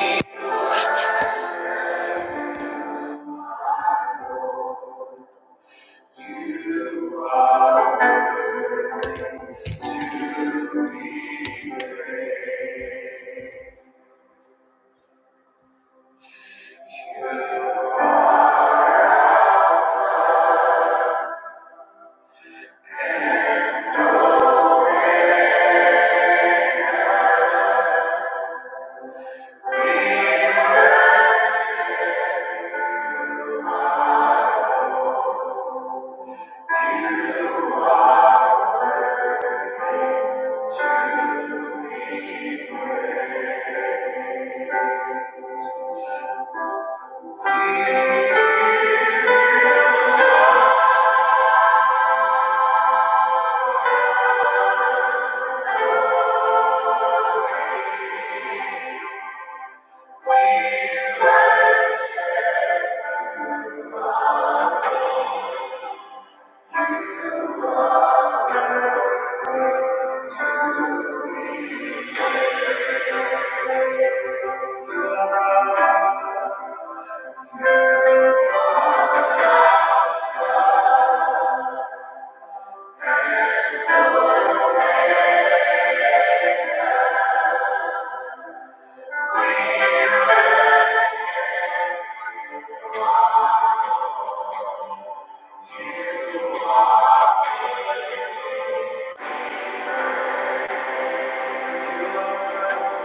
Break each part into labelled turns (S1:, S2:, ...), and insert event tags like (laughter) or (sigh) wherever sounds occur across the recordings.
S1: You are good to be feared. We worship your righteousness.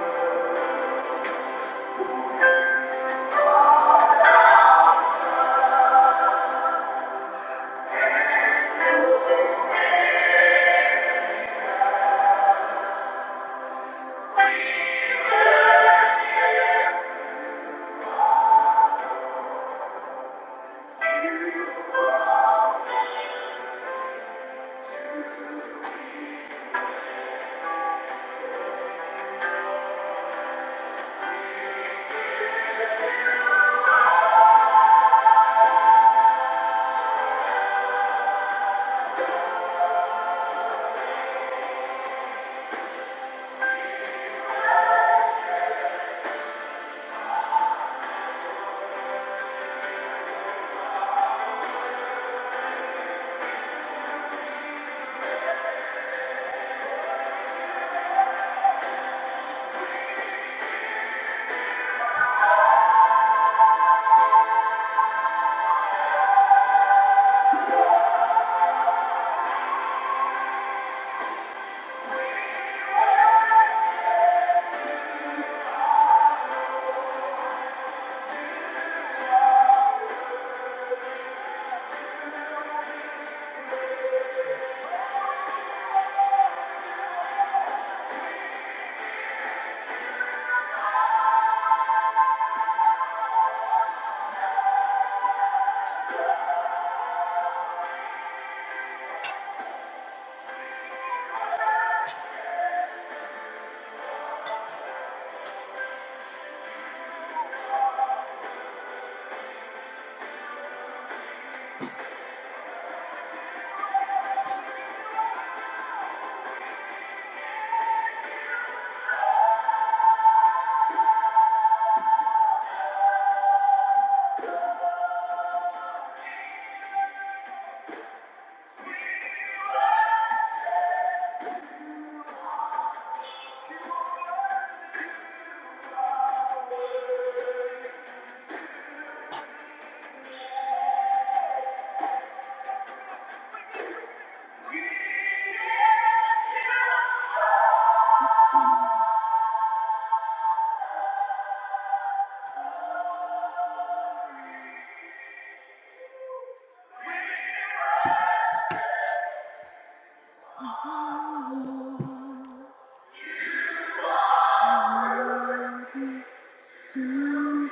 S1: To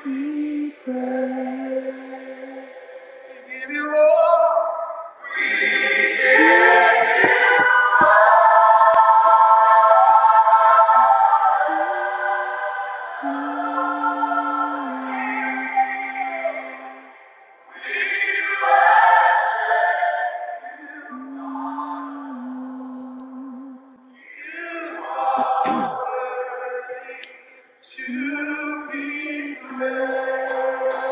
S1: be praised. We give you all. We worship you. To be praised.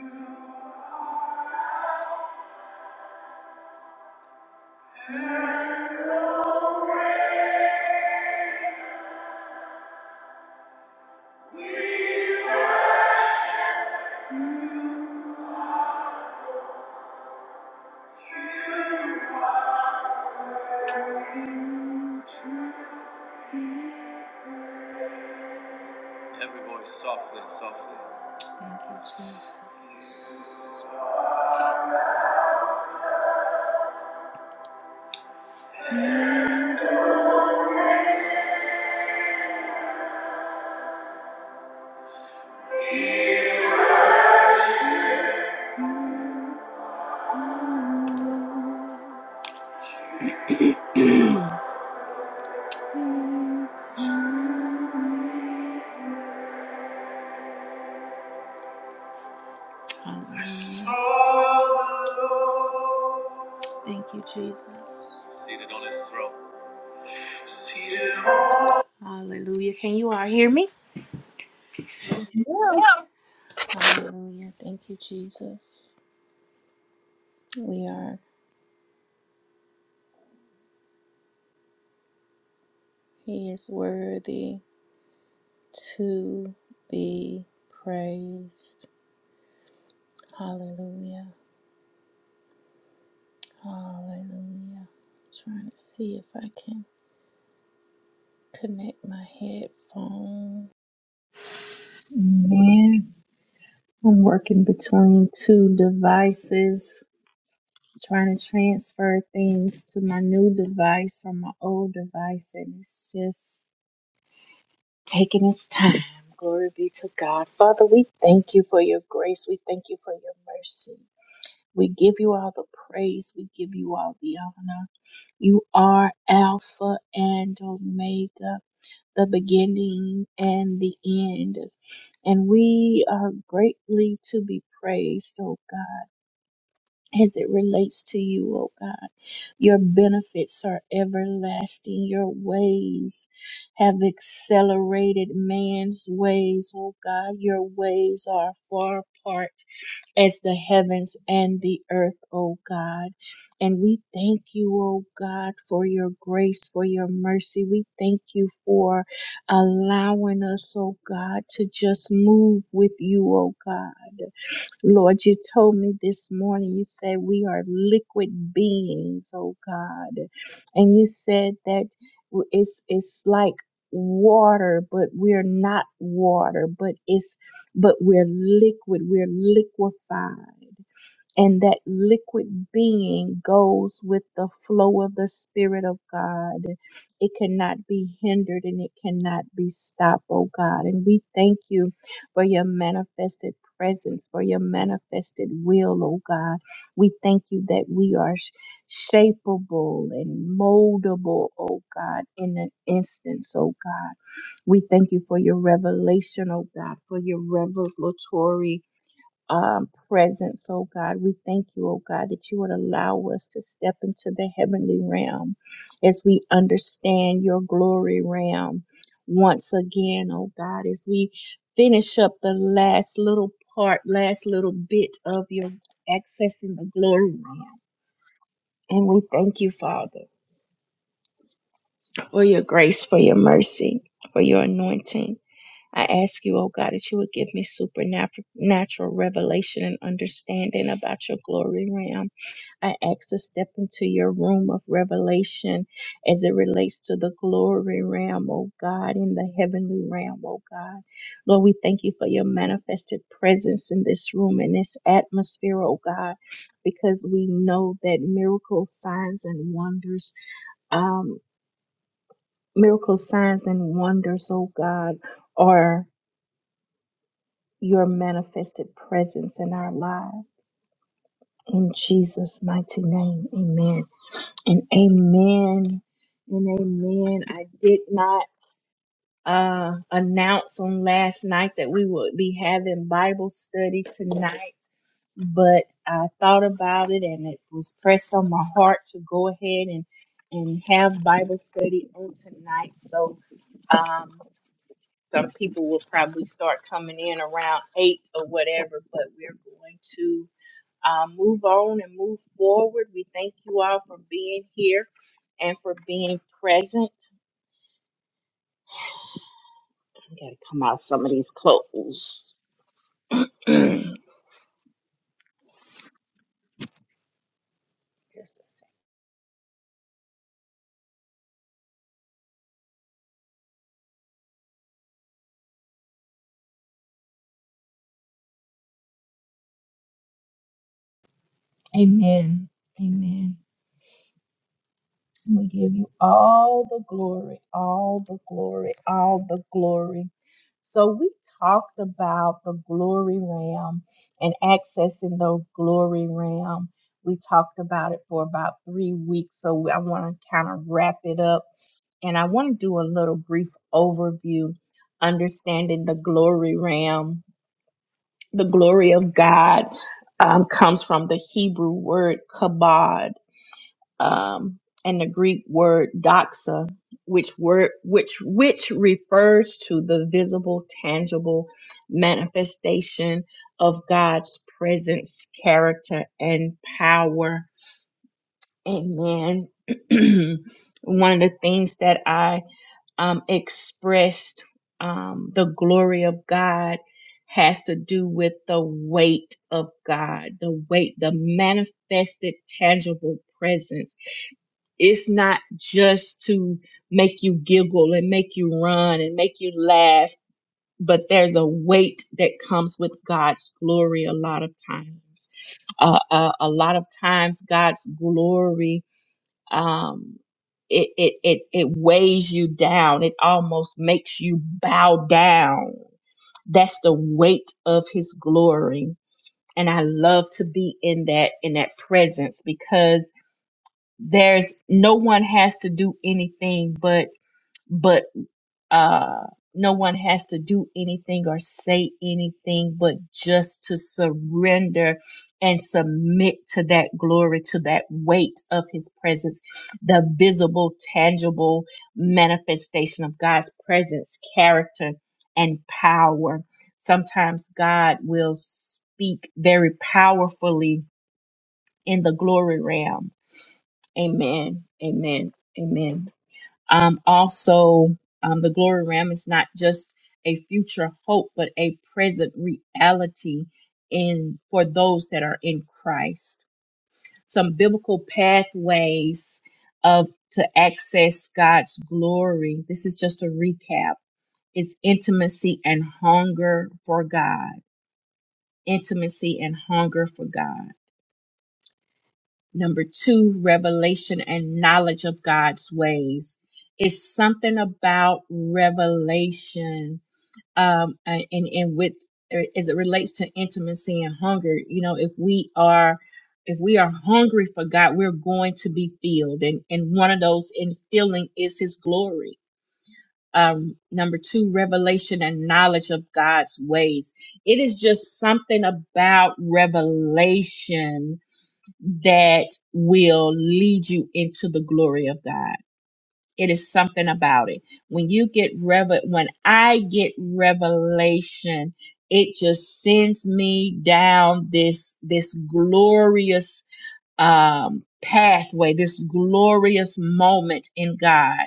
S1: You are good. Every voice softly, softly. Thank you, Jesus. seated on his throne. Seated on Hallelujah. Can you all hear me?
S2: Yes. Lord.
S1: Hallelujah. Thank you, Jesus. We are, He is worthy to be praised. Hallelujah. Hallelujah. I'm Trying to see if I can connect my headphone. Amen. I'm working between two devices, trying to transfer things to my new device from my old device, and it's just taking its time. (laughs) Glory be to God. Father, we thank you for your grace. We thank you for your mercy. We give you all the praise. We give you all the honor. You are Alpha and Omega, the beginning and the end and we are greatly to be praised, oh God. as it relates to you, O God. Your benefits are everlasting. Your ways have accelerated man's ways, O God. Your ways are far apart as the heavens and the earth, O God. And we thank you, O God, for your grace, for your mercy. We thank you for allowing us, O God, to just move with you, O God. Lord, you told me this morning, you said we are liquid beings, oh God. And you said that w- it's it's like water, but we're not water, but it's but we're liquid, we're liquefied and that liquid being goes with the flow of the Spirit of God. It cannot be hindered and it cannot be stopped, oh God. And we thank you for your manifested presence, for your manifested will, oh God. We thank you that we are sh- shapeable and moldable, oh God, in an instance, oh God. We thank you for your revelation, oh God, for your revelatory um, presence, oh God. We thank you, oh God, that you would allow us to step into the heavenly realm as we understand your glory realm once again, oh God, as we finish up the last little part, last little bit of your accessing the glory realm. And we thank you, Father, for your grace, for your mercy, for your anointing. I ask you, oh God, that you would give me supernatural revelation and understanding about your glory realm I ask to step into your room of revelation as it relates to the glory realm, oh God, in the heavenly realm, oh God. Lord, we thank you for your manifested presence in this room, in this atmosphere, oh God, because we know that miracles, signs, and wonders um, miracle signs and wonders, oh God, are your manifested presence in our lives. In Jesus' mighty name, amen. And amen. And amen. I did not uh announce on last night that we would be having Bible study tonight, but I thought about it and it was pressed on my heart to go ahead and and have Bible study on tonight. So um some people will probably start coming in around eight or whatever, but we're going to um, move on and move forward. We thank you all for being here and for being present. I gotta come out some of these clothes. (clears throat) Just a second. Amen. Amen. And we give you all the glory, all the glory, all the glory. So we talked about the glory realm and accessing the glory realm. We talked about it for about three weeks. So I want to kind of wrap it up and I want to do a little brief overview, understanding the glory realm. The glory of God um, comes from the Hebrew word kabod, um, and the Greek word doxa, which word which which refers to the visible, tangible manifestation of God's presence, character, and power. Amen. (clears throat) One of the things that I um, expressed um, the glory of God has to do with the weight of God, the weight, the manifested, tangible presence. It's not just to make you giggle and make you run and make you laugh, but there's a weight that comes with God's glory a lot of times. Uh, uh, a lot of times, God's glory. Um, it, it it it weighs you down. It almost makes you bow down. That's the weight of His glory, and I love to be in that in that presence because there's no one has to do anything but but uh no one has to do anything or say anything but just to surrender and submit to that glory to that weight of his presence the visible tangible manifestation of God's presence character and power sometimes God will speak very powerfully in the glory realm Amen. Amen. Amen. Um, also, um, the glory realm is not just a future hope, but a present reality in for those that are in Christ. Some biblical pathways of to access God's glory. This is just a recap. It's intimacy and hunger for God. Intimacy and hunger for God Number two, revelation and knowledge of God's ways. It's something about revelation, um, and, and with uh, as it relates to intimacy and hunger. You know, if we are if we are hungry for God, we're going to be filled, and and one of those in filling is His glory. Um, number two, revelation and knowledge of God's ways. It is just something about revelation that will lead you into the glory of God. It is something about it. When you get revel when I get revelation, it just sends me down this this glorious um pathway, this glorious moment in God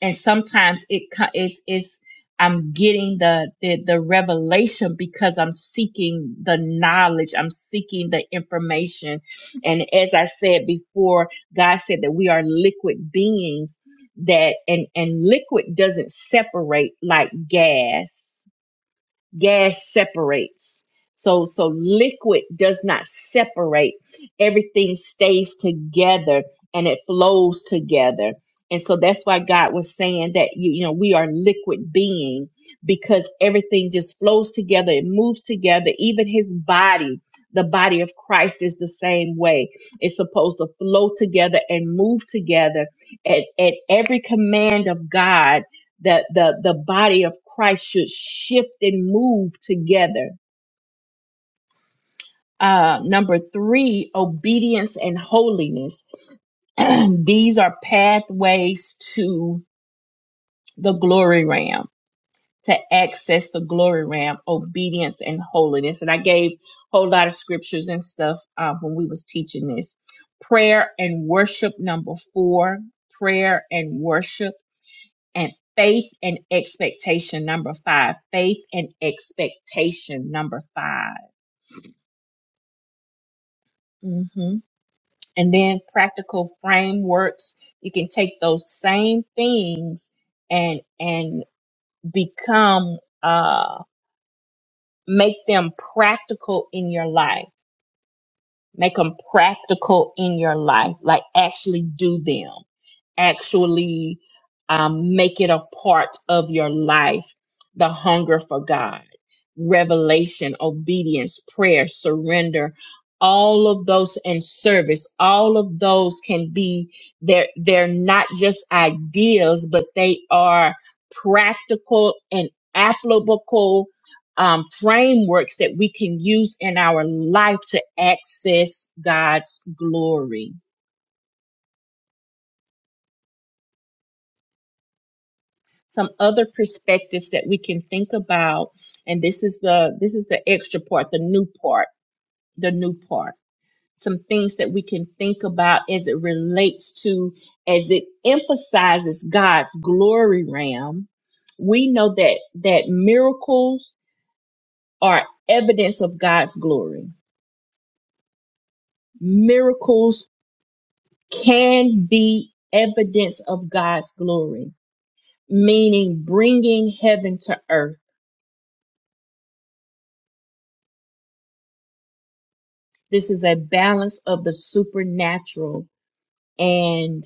S1: and sometimes it co- it's it's I'm getting the, the the revelation because I'm seeking the knowledge. I'm seeking the information, and as I said before, God said that we are liquid beings. That and and liquid doesn't separate like gas gas separates so so liquid does not separate everything stays together and it flows together and so that's why god was saying that you, you know we are liquid being because everything just flows together it moves together even his body the body of christ is the same way it's supposed to flow together and move together at, at every command of god that the the body of Christ should shift and move together. Uh, number three, obedience and holiness. (clears throat) These are pathways to the glory realm, to access the glory realm, obedience and holiness. And I gave a whole lot of scriptures and stuff uh, when we was teaching this. Prayer and worship, number four. Prayer and worship. and faith and expectation number five faith and expectation number 5 hmm and then practical frameworks you can take those same things and and become uh make them practical in your life Make them practical in your life, like actually do them, actually um, make it a part of your life. The hunger for God, revelation, obedience, prayer, surrender, all of those and service, all of those can be they're they're not just ideas, but they are practical and applicable um, frameworks that we can use in our life to access God's glory. Some other perspectives that we can think about, and this is the this is the extra part, the new part, the new part. Some things that we can think about as it relates to, as it emphasizes God's glory realm. We know that that miracles are evidence of God's glory. Miracles can be evidence of God's glory, meaning bringing heaven to earth. This is a balance of the supernatural and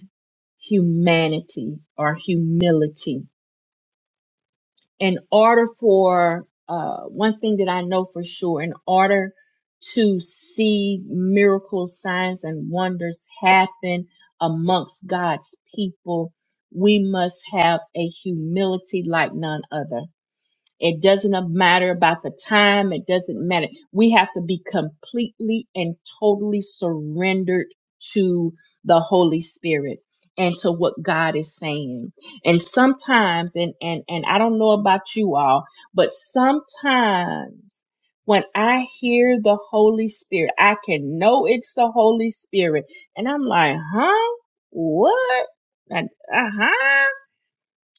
S1: humanity or humility. In order for, uh, one thing that I know for sure, in order to see miracles, signs, and wonders happen amongst God's people, we must have a humility like none other It doesn't matter about the time. It doesn't matter. We have to be completely and totally surrendered to the Holy Spirit and to what God is saying. And sometimes, and, and, and I don't know about you all, but sometimes when I hear the Holy Spirit, I can know it's the Holy Spirit. And I'm like, huh? What? Uh huh.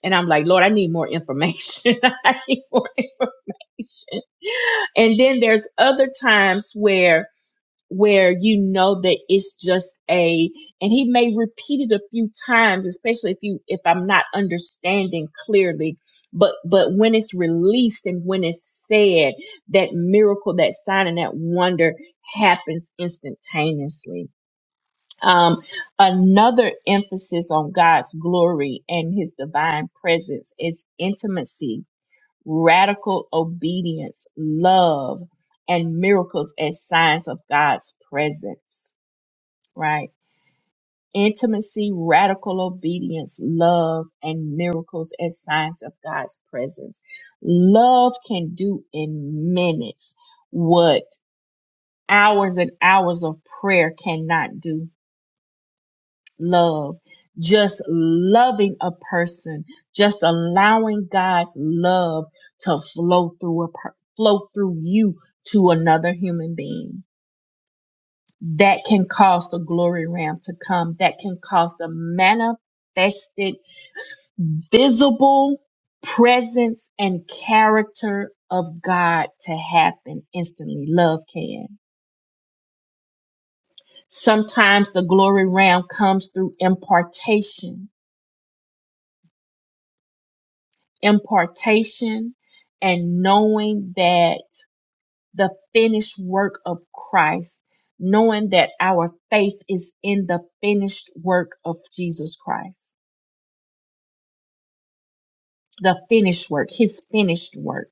S1: And I'm like, Lord, I need more information. (laughs) I need more (laughs) and then there's other times where where you know that it's just a and he may repeat it a few times especially if you if i'm not understanding clearly but but when it's released and when it's said that miracle that sign and that wonder happens instantaneously um another emphasis on god's glory and his divine presence is intimacy radical obedience, love, and miracles as signs of God's presence, right? Intimacy, radical obedience, love, and miracles as signs of God's presence. Love can do in minutes what hours and hours of prayer cannot do love, just loving a person, just allowing God's love to flow through a per- flow through you to another human being. That can cause the glory ram to come. That can cause the manifested, visible presence and character of God to happen instantly. Love can. Sometimes the glory ram comes through impartation impartation and knowing that the finished work of Christ, knowing that our faith is in the finished work of Jesus Christ, the finished work, his finished work,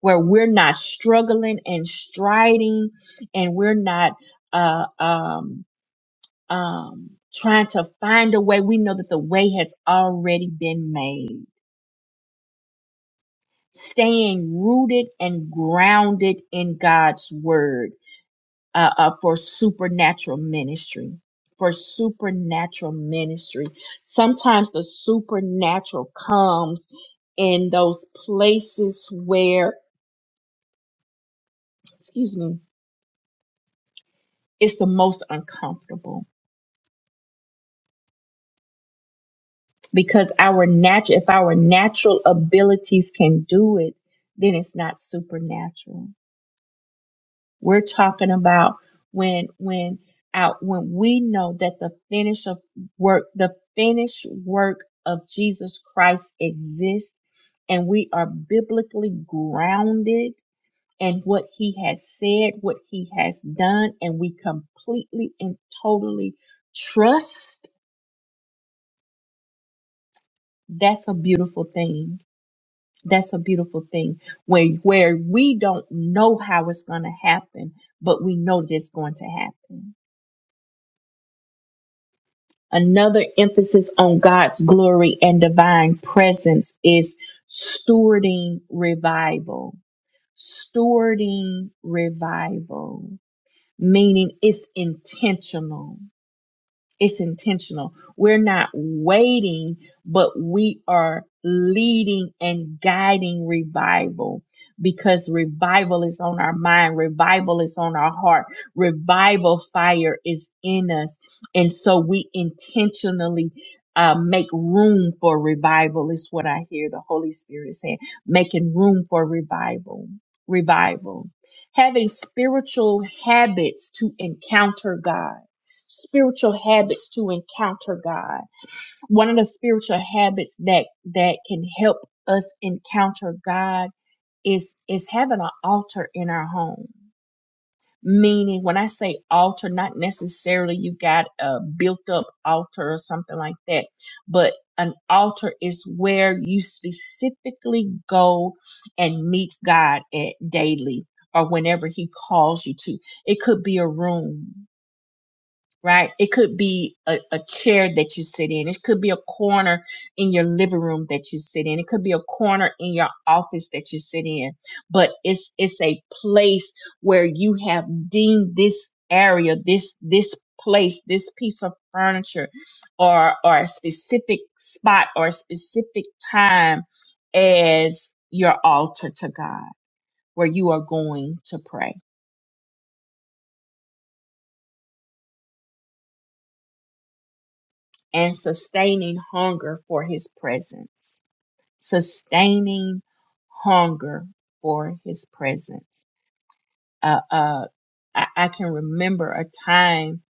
S1: where we're not struggling and striding and we're not, uh, um, um, trying to find a way. We know that the way has already been made. Staying rooted and grounded in God's word uh, uh, for supernatural ministry. For supernatural ministry. Sometimes the supernatural comes in those places where, excuse me, it's the most uncomfortable because our natural, if our natural abilities can do it, then it's not supernatural. We're talking about when when out when we know that the finish of work, the finished work of Jesus Christ exists and we are biblically grounded in what he has said, what he has done, and we completely and totally trust, that's a beautiful thing. That's a beautiful thing where where we don't know how it's going to happen, but we know that it's going to happen Another emphasis on God's glory and divine presence is stewarding revival. Stewarding revival, meaning it's intentional. It's intentional. We're not waiting, but we are leading and guiding revival because revival is on our mind, revival is on our heart, revival fire is in us. And so we intentionally uh, make room for revival, is what I hear the Holy Spirit saying, making room for revival. Revival. Having spiritual habits to encounter God spiritual habits to encounter God. One of the spiritual habits that that can help us encounter God is is having an altar in our home. Meaning, when I say altar, not necessarily you got a built up altar or something like that, but an altar is where you specifically go and meet God at daily or whenever He calls you to. It could be a room right? It could be a, a chair that you sit in. It could be a corner in your living room that you sit in. It could be a corner in your office that you sit in. But it's it's a place where you have deemed this area, this this place, this piece of furniture or or a specific spot or a specific time as your altar to God where you are going to pray and sustaining hunger for his presence sustaining hunger for his presence. Uh, uh, I, I can remember a time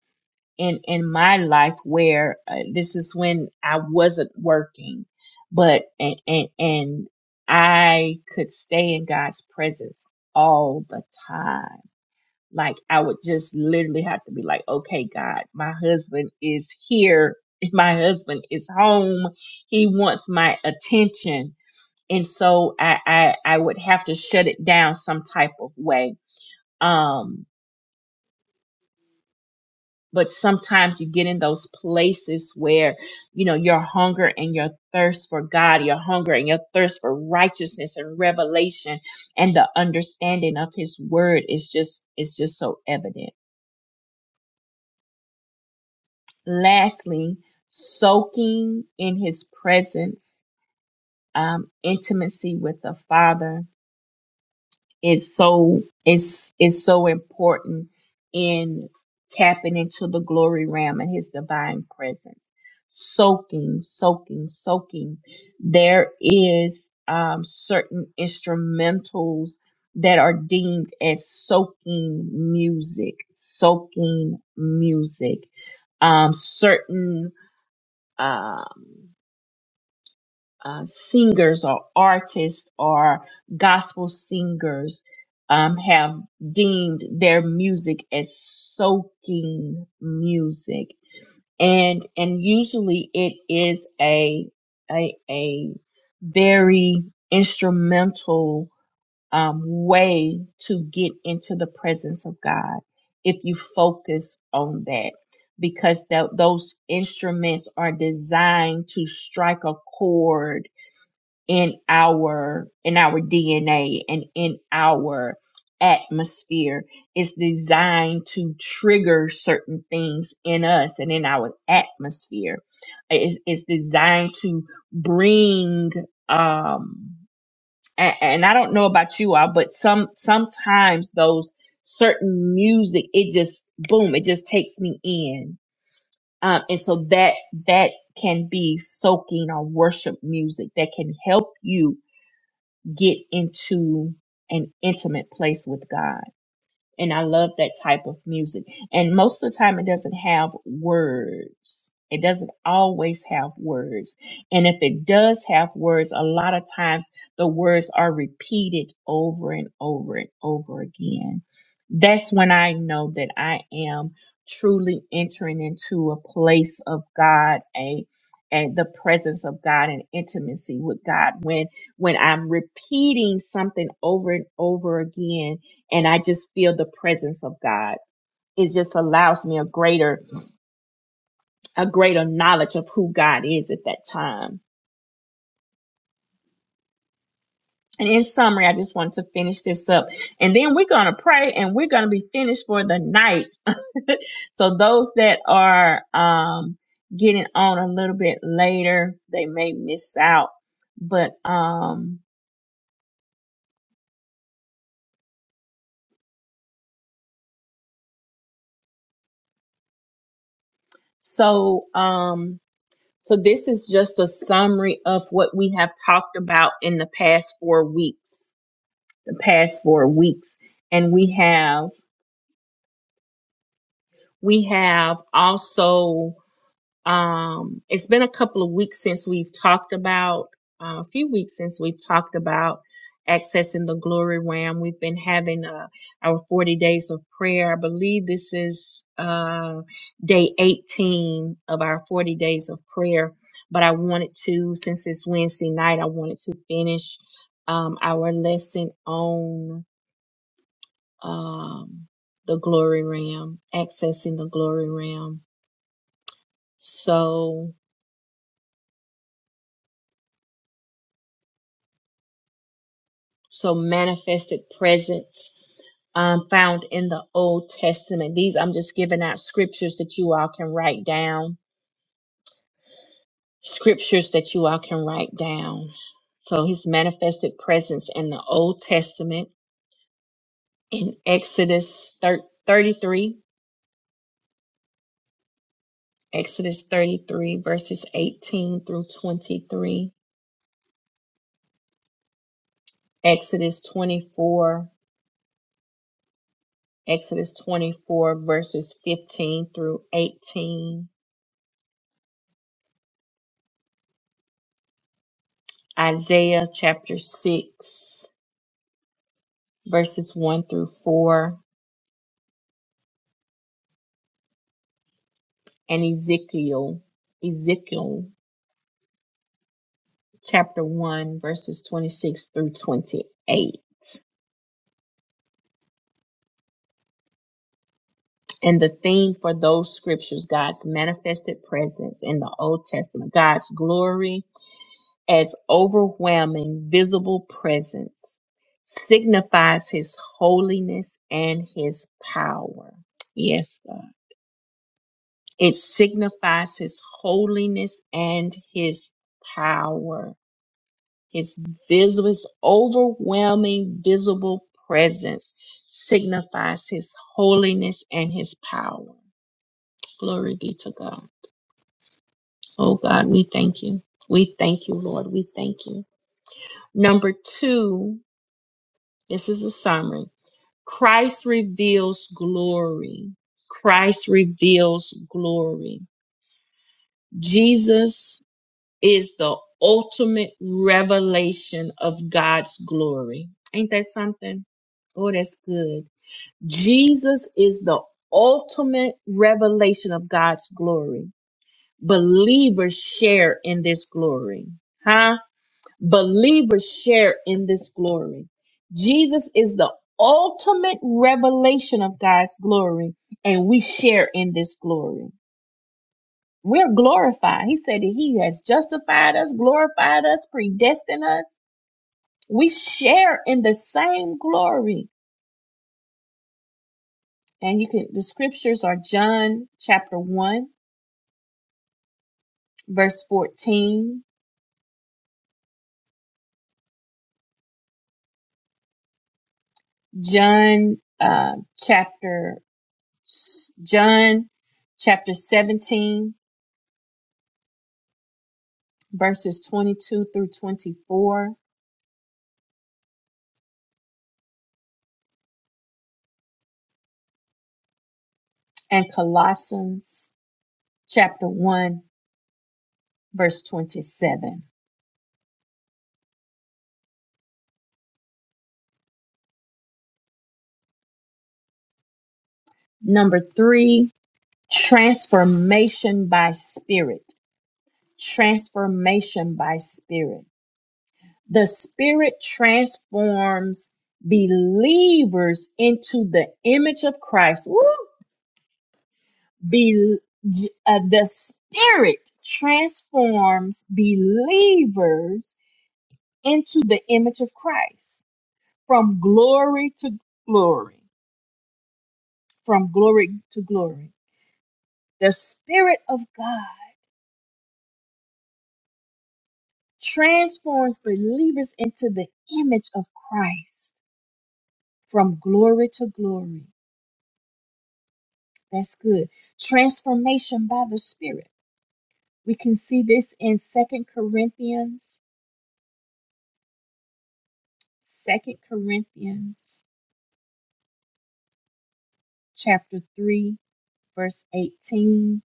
S1: in, in my life where uh, this is when I wasn't working, but, and, and, and I could stay in God's presence all the time. Like I would just literally have to be like, okay, God, my husband is here. (laughs) My husband is home. He wants my attention and so I, I I would have to shut it down some type of way. Um, but sometimes you get in those places where you know your hunger and your thirst for God, your hunger and your thirst for righteousness and revelation and the understanding of His Word is just is just so evident. Lastly, soaking in His presence, um, intimacy with the Father Is so it's is so important in tapping into the glory realm and his divine presence soaking soaking soaking there is um, certain instrumentals that are deemed as soaking music soaking music um, certain um, uh, singers or artists or gospel singers um, have deemed their music as soaking music, and and usually it is a a a very instrumental um, way to get into the presence of God if you focus on that because tho- those instruments are designed to strike a chord in our in our DNA and in our atmosphere it's designed to trigger certain things in us and in our atmosphere it's is designed to bring um and, and I don't know about you all but some sometimes those certain music it just boom it just takes me in um and so that that can be soaking or worship music that can help you get into an intimate place with God and I love that type of music. And most of the time, it doesn't have words. It doesn't always have words. And if it does have words, a lot of times the words are repeated over and over and over again. That's when I know that I am truly entering into a place of God, a and the presence of God and intimacy with God when when I'm repeating something over and over again and I just feel the presence of God. It just allows me a greater, a greater knowledge of who God is at that time. And in summary, I just want to finish this up. And then we're going to pray and we're going to be finished for the night. (laughs) So those that are um, getting on a little bit later, they may miss out. But um, so um, so this is just a summary of what we have talked about in the past four weeks the past four weeks and we have we have also um it's been a couple of weeks since we've talked about uh, a few weeks since we've talked about accessing the glory realm we've been having uh, our 40 days of prayer i believe this is uh day 18 of our 40 days of prayer but i wanted to since it's wednesday night i wanted to finish um our lesson on um, the glory realm, accessing the glory realm. So, so manifested presence um, found in the Old Testament. These I'm just giving out scriptures that you all can write down. Scriptures that you all can write down. So his manifested presence in the Old Testament in Exodus thir- 33, Exodus 33, verses 18 through 23, Exodus 24. Exodus 24, verses 15 through 18, Isaiah chapter 6, verses 1 through 4, and Ezekiel, Ezekiel chapter 1, verses 26 through 28. And the theme for those scriptures, God's manifested presence in the Old Testament, God's glory as overwhelming visible presence signifies his holiness and his power. Yes, God. It signifies his holiness and his power. His visible, his overwhelming visible presence signifies his holiness and his power. Glory be to God. Oh God, we thank you. We thank you, Lord. We thank you. Number two, this is a summary. Christ reveals glory. Christ reveals glory. Jesus is the ultimate revelation of God's glory. Ain't that something? Oh, that's good. Jesus is the ultimate revelation of God's glory. Believers share in this glory. Huh? Believers share in this glory. Jesus is the ultimate revelation of God's glory, and we share in this glory. We're glorified. He said that He has justified us, glorified us, predestined us. We share in the same glory. And you can, the scriptures are John chapter 1, verse 14, John uh, chapter, John chapter 17, verses 22 through 24, and Colossians chapter 1, verse 27. Number three, transformation by spirit. Transformation by spirit. The spirit transforms believers into the image of Christ. Woo! Be, uh, the spirit transforms believers into the image of Christ from glory to glory, from glory to glory. The Spirit of God transforms believers into the image of Christ from glory to glory. That's good. Transformation by the Spirit. We can see this in Second Corinthians, Second Corinthians chapter 3, verse 18,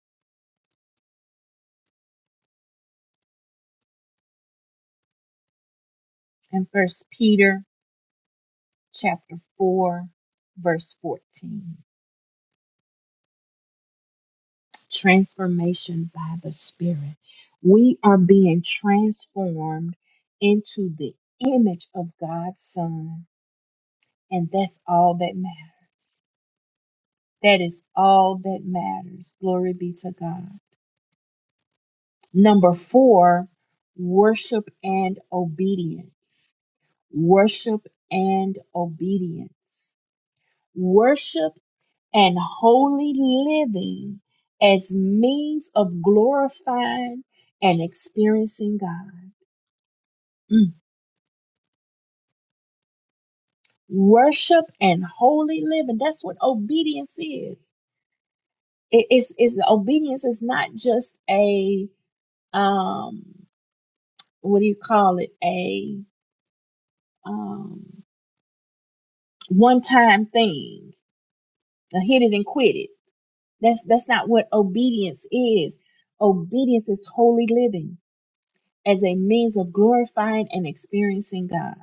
S1: and First Peter chapter 4, verse 14. transformation by the Spirit. We are being transformed into the image of God's Son, and that's all that matters. That is all that matters. Glory be to God. Number four, worship and obedience. Worship and obedience. Worship and holy living as means of glorifying and experiencing God. Mm. Worship and holy living. That's what obedience is. It- it's, it's obedience is not just a um what do you call it? A um one time thing. A hit it and quit it. That's that's not what obedience is. Obedience is holy living as a means of glorifying and experiencing God.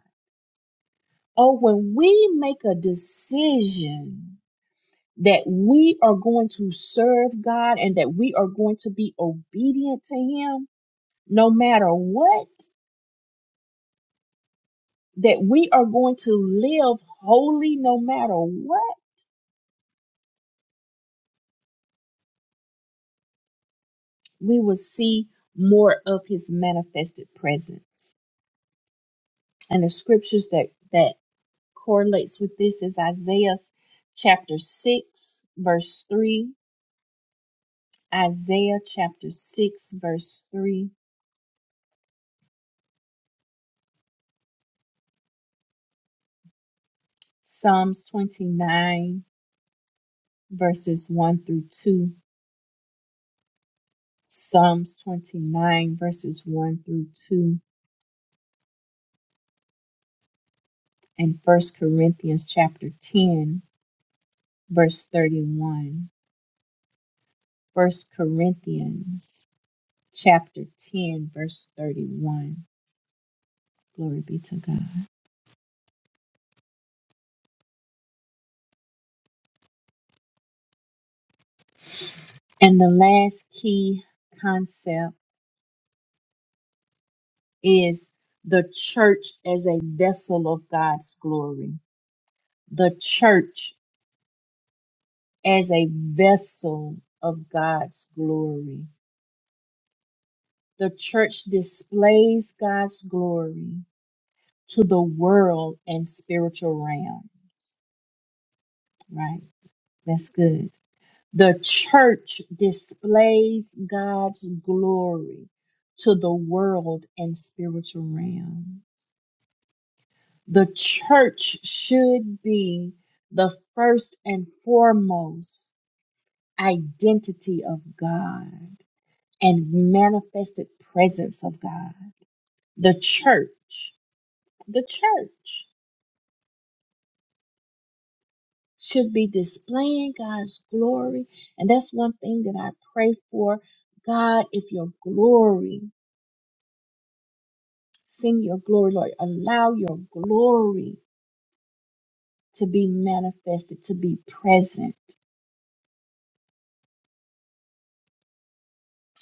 S1: oh, when we make a decision that we are going to serve God and that we are going to be obedient to Him no matter what, that we are going to live holy no matter what, we will see more of His manifested presence. And the scriptures that, that correlates with this is Isaiah chapter 6, verse 3 Isaiah chapter 6, verse 3, Psalms 29, verses 1 through 2, Psalms 29, verses 1 through 2, and First Corinthians chapter 10, verse 31. 1 Corinthians chapter 10, verse 31. Glory be to God. And the last key concept is the church as a vessel of God's glory. The church as a vessel of God's glory. The church displays God's glory to the world and spiritual realms. Right? That's good. The church displays God's glory to the world and spiritual realm. The church should be the first and foremost identity of God and manifested presence of God. The church, the church should be displaying God's glory. And that's one thing that I pray for. God, if your glory, send your glory, Lord, allow your glory to be manifested, to be present.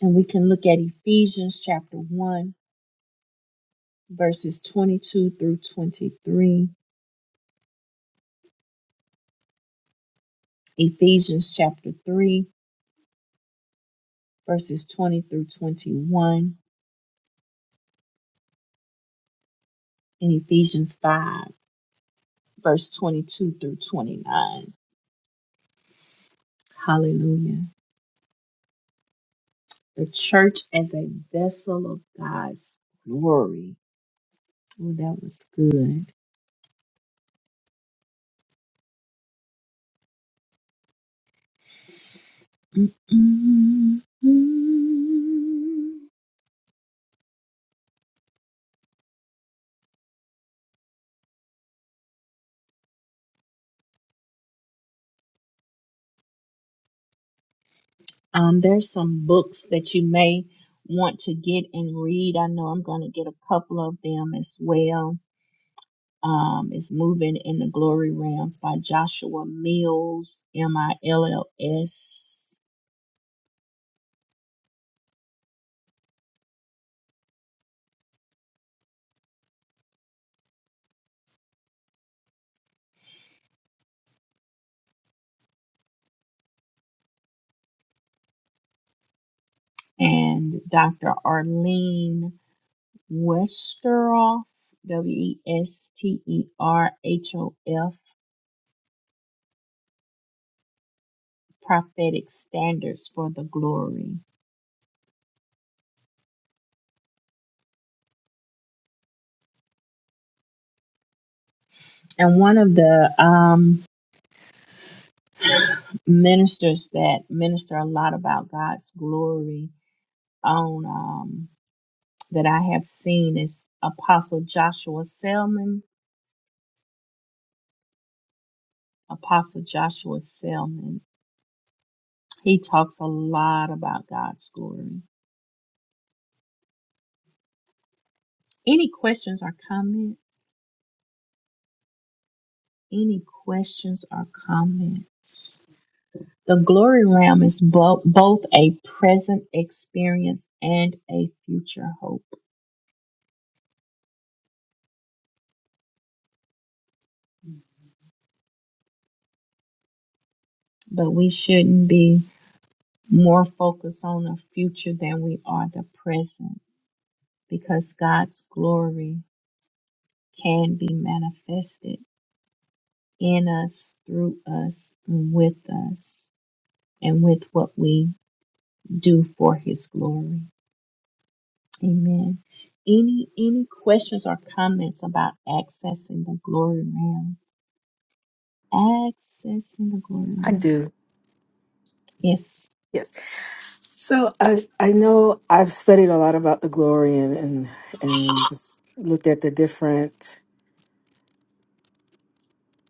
S1: And we can look at Ephesians chapter 1, verses 22 through 23. Ephesians chapter 3, verses 20 through 21. in Ephesians 5, verse 22 through 29. Hallelujah. The church as a vessel of God's glory. Oh, that was good. Mm-mm-mm. Um, there's some books that you may want to get and read. I know I'm going to get a couple of them as well. Um, it's Moving in the Glory Realms by Joshua Mills, M I L L S. and Dr. Arlene Westeroff, W E S T E R H O F, Prophetic Standards for the Glory. And one of the um, ministers that minister a lot about God's glory on um, that I have seen is Apostle Joshua Selman. Apostle Joshua Selman. He talks a lot about God's glory. Any questions or comments? any questions or comments? The glory realm is bo- both a present experience and a future hope, but we shouldn't be more focused on the future than we are the present because God's glory can be manifested in us, through us, and with us, and with what we do for His glory. Amen. Any any questions or comments about accessing the glory realm? Accessing the glory
S3: I
S1: realm.
S3: do.
S1: Yes.
S3: Yes. So I I know I've studied a lot about the glory and and, and just looked at the different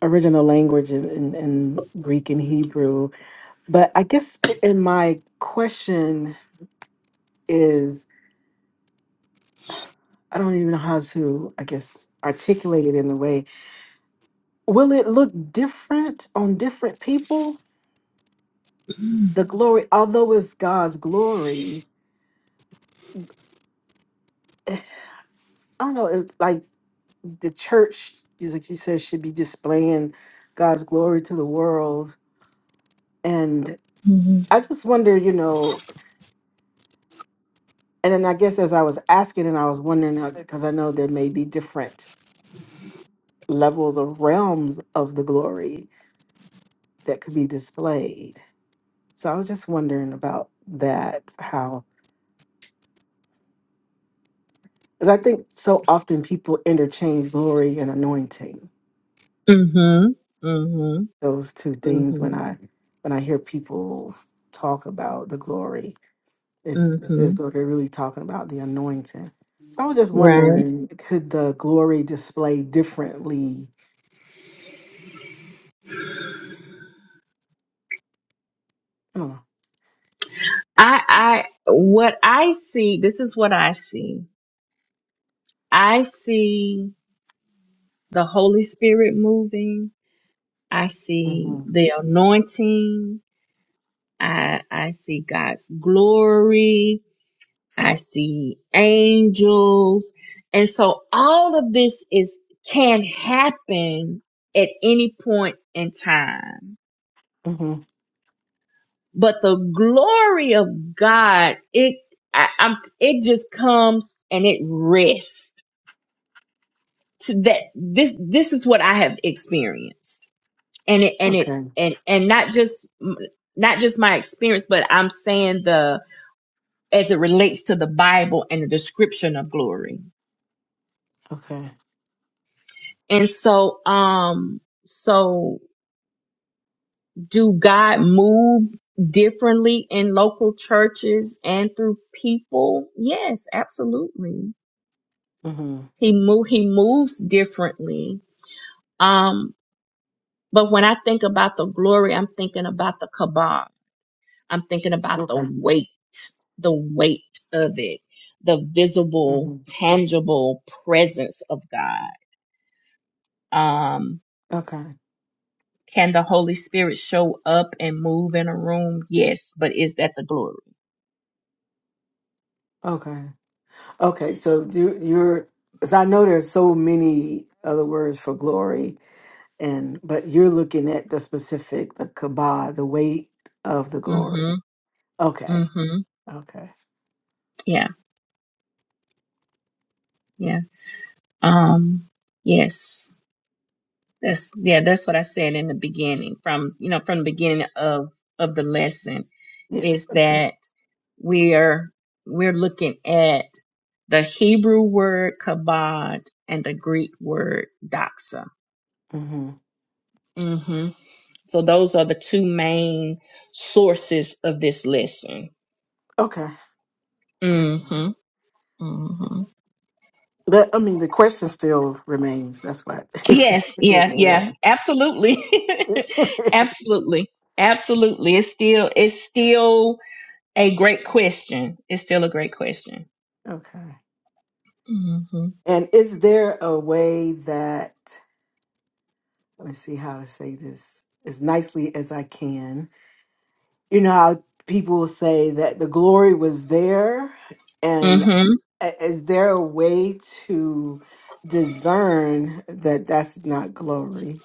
S3: original language in, in, in Greek and Hebrew. But I guess in my question is I don't even know how to I guess articulate it in a way. Will it look different on different people?
S1: Mm-hmm.
S3: The glory, although it's God's glory, I don't know. It, like the church is like you said should be displaying god's glory to the world and
S1: Mm-hmm.
S3: i just wonder you know and then i guess as i was asking and i was wondering because i know there may be different levels or realms of the glory that could be displayed so i was just wondering about that how because i think so often people interchange glory and anointing
S1: Mm-hmm. Mm-hmm.
S3: those two things when i when i hear people talk about the glory It's, it's
S1: Mm-hmm.
S3: as though they're really talking about the anointing. So I was just
S1: Right.
S3: wondering, could the glory display differently? I don't
S1: I I what I see, this is what I see. I see the Holy Spirit moving. I see
S3: know.
S1: the anointing. I I see God's glory. I see angels. And so all of this is can happen at any point in time.
S3: hmm hmm
S1: But the glory of God, it I, I'm it just comes and it rests. To that this this is what I have experienced. And it and it
S3: Okay.
S1: and and not just not just my experience, but I'm saying the as it relates to the Bible and the description of glory.
S3: Okay.
S1: And so, um, so do God move differently in local churches and through people? Yes, absolutely.
S3: hmm
S1: He move he moves differently. Um, but when I think about the glory, I'm thinking about the kabod. I'm thinking about the
S3: Okay.
S1: weight, the weight of it, the visible,
S3: hmm
S1: tangible presence of God. Um,
S3: Okay.
S1: Can the Holy Spirit show up and move in a room? Yes, but is that the glory?
S3: Okay. Okay. So you, you're, because I know there's so many other words for glory, and but you're looking at the specific, the kabah, the weight of the
S1: mm
S3: glory.
S1: Mhm. mm
S3: Okay.
S1: Mhm.
S3: Okay.
S1: Yeah. Yeah. Um yes. That's yeah, that's what I said in the beginning from, you know, from the beginning of of the lesson
S3: Yes.
S1: is
S3: Okay.
S1: that we're we're looking at the Hebrew word kabod and the Greek word doxa.
S3: hmm
S1: hmm So those are the two main sources of this lesson.
S3: Okay.
S1: Mm-hmm. hmm
S3: But I mean, the question still remains. That's why.
S1: Yes,
S3: (laughs)
S1: yeah,
S3: yeah.
S1: yeah, absolutely,
S3: (laughs)
S1: (laughs) absolutely, absolutely. It's still, it's still a great question. It's still a great question.
S3: okay.
S1: hmm
S3: And is there a way that let me see how to say this as nicely as I can? You know how people will say that the glory was there, and
S1: Mm-hmm.
S3: a- is there a way to discern that that's not glory?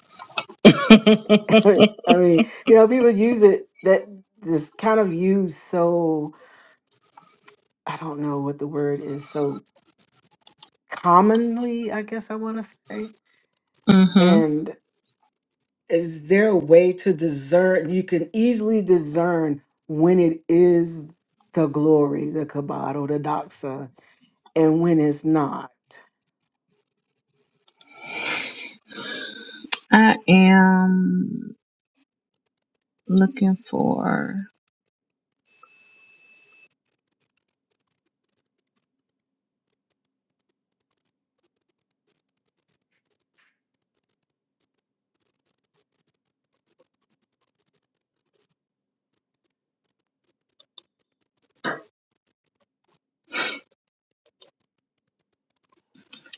S3: (laughs) I mean, you know, people use it that this kind of used so I don't know what the word is. So commonly, I guess I want to say?
S1: mm-hmm.
S3: And is there a way to discern? You can easily discern when it is the glory, the kabod, or the doxa, and when it's not.
S1: (laughs) I am looking for.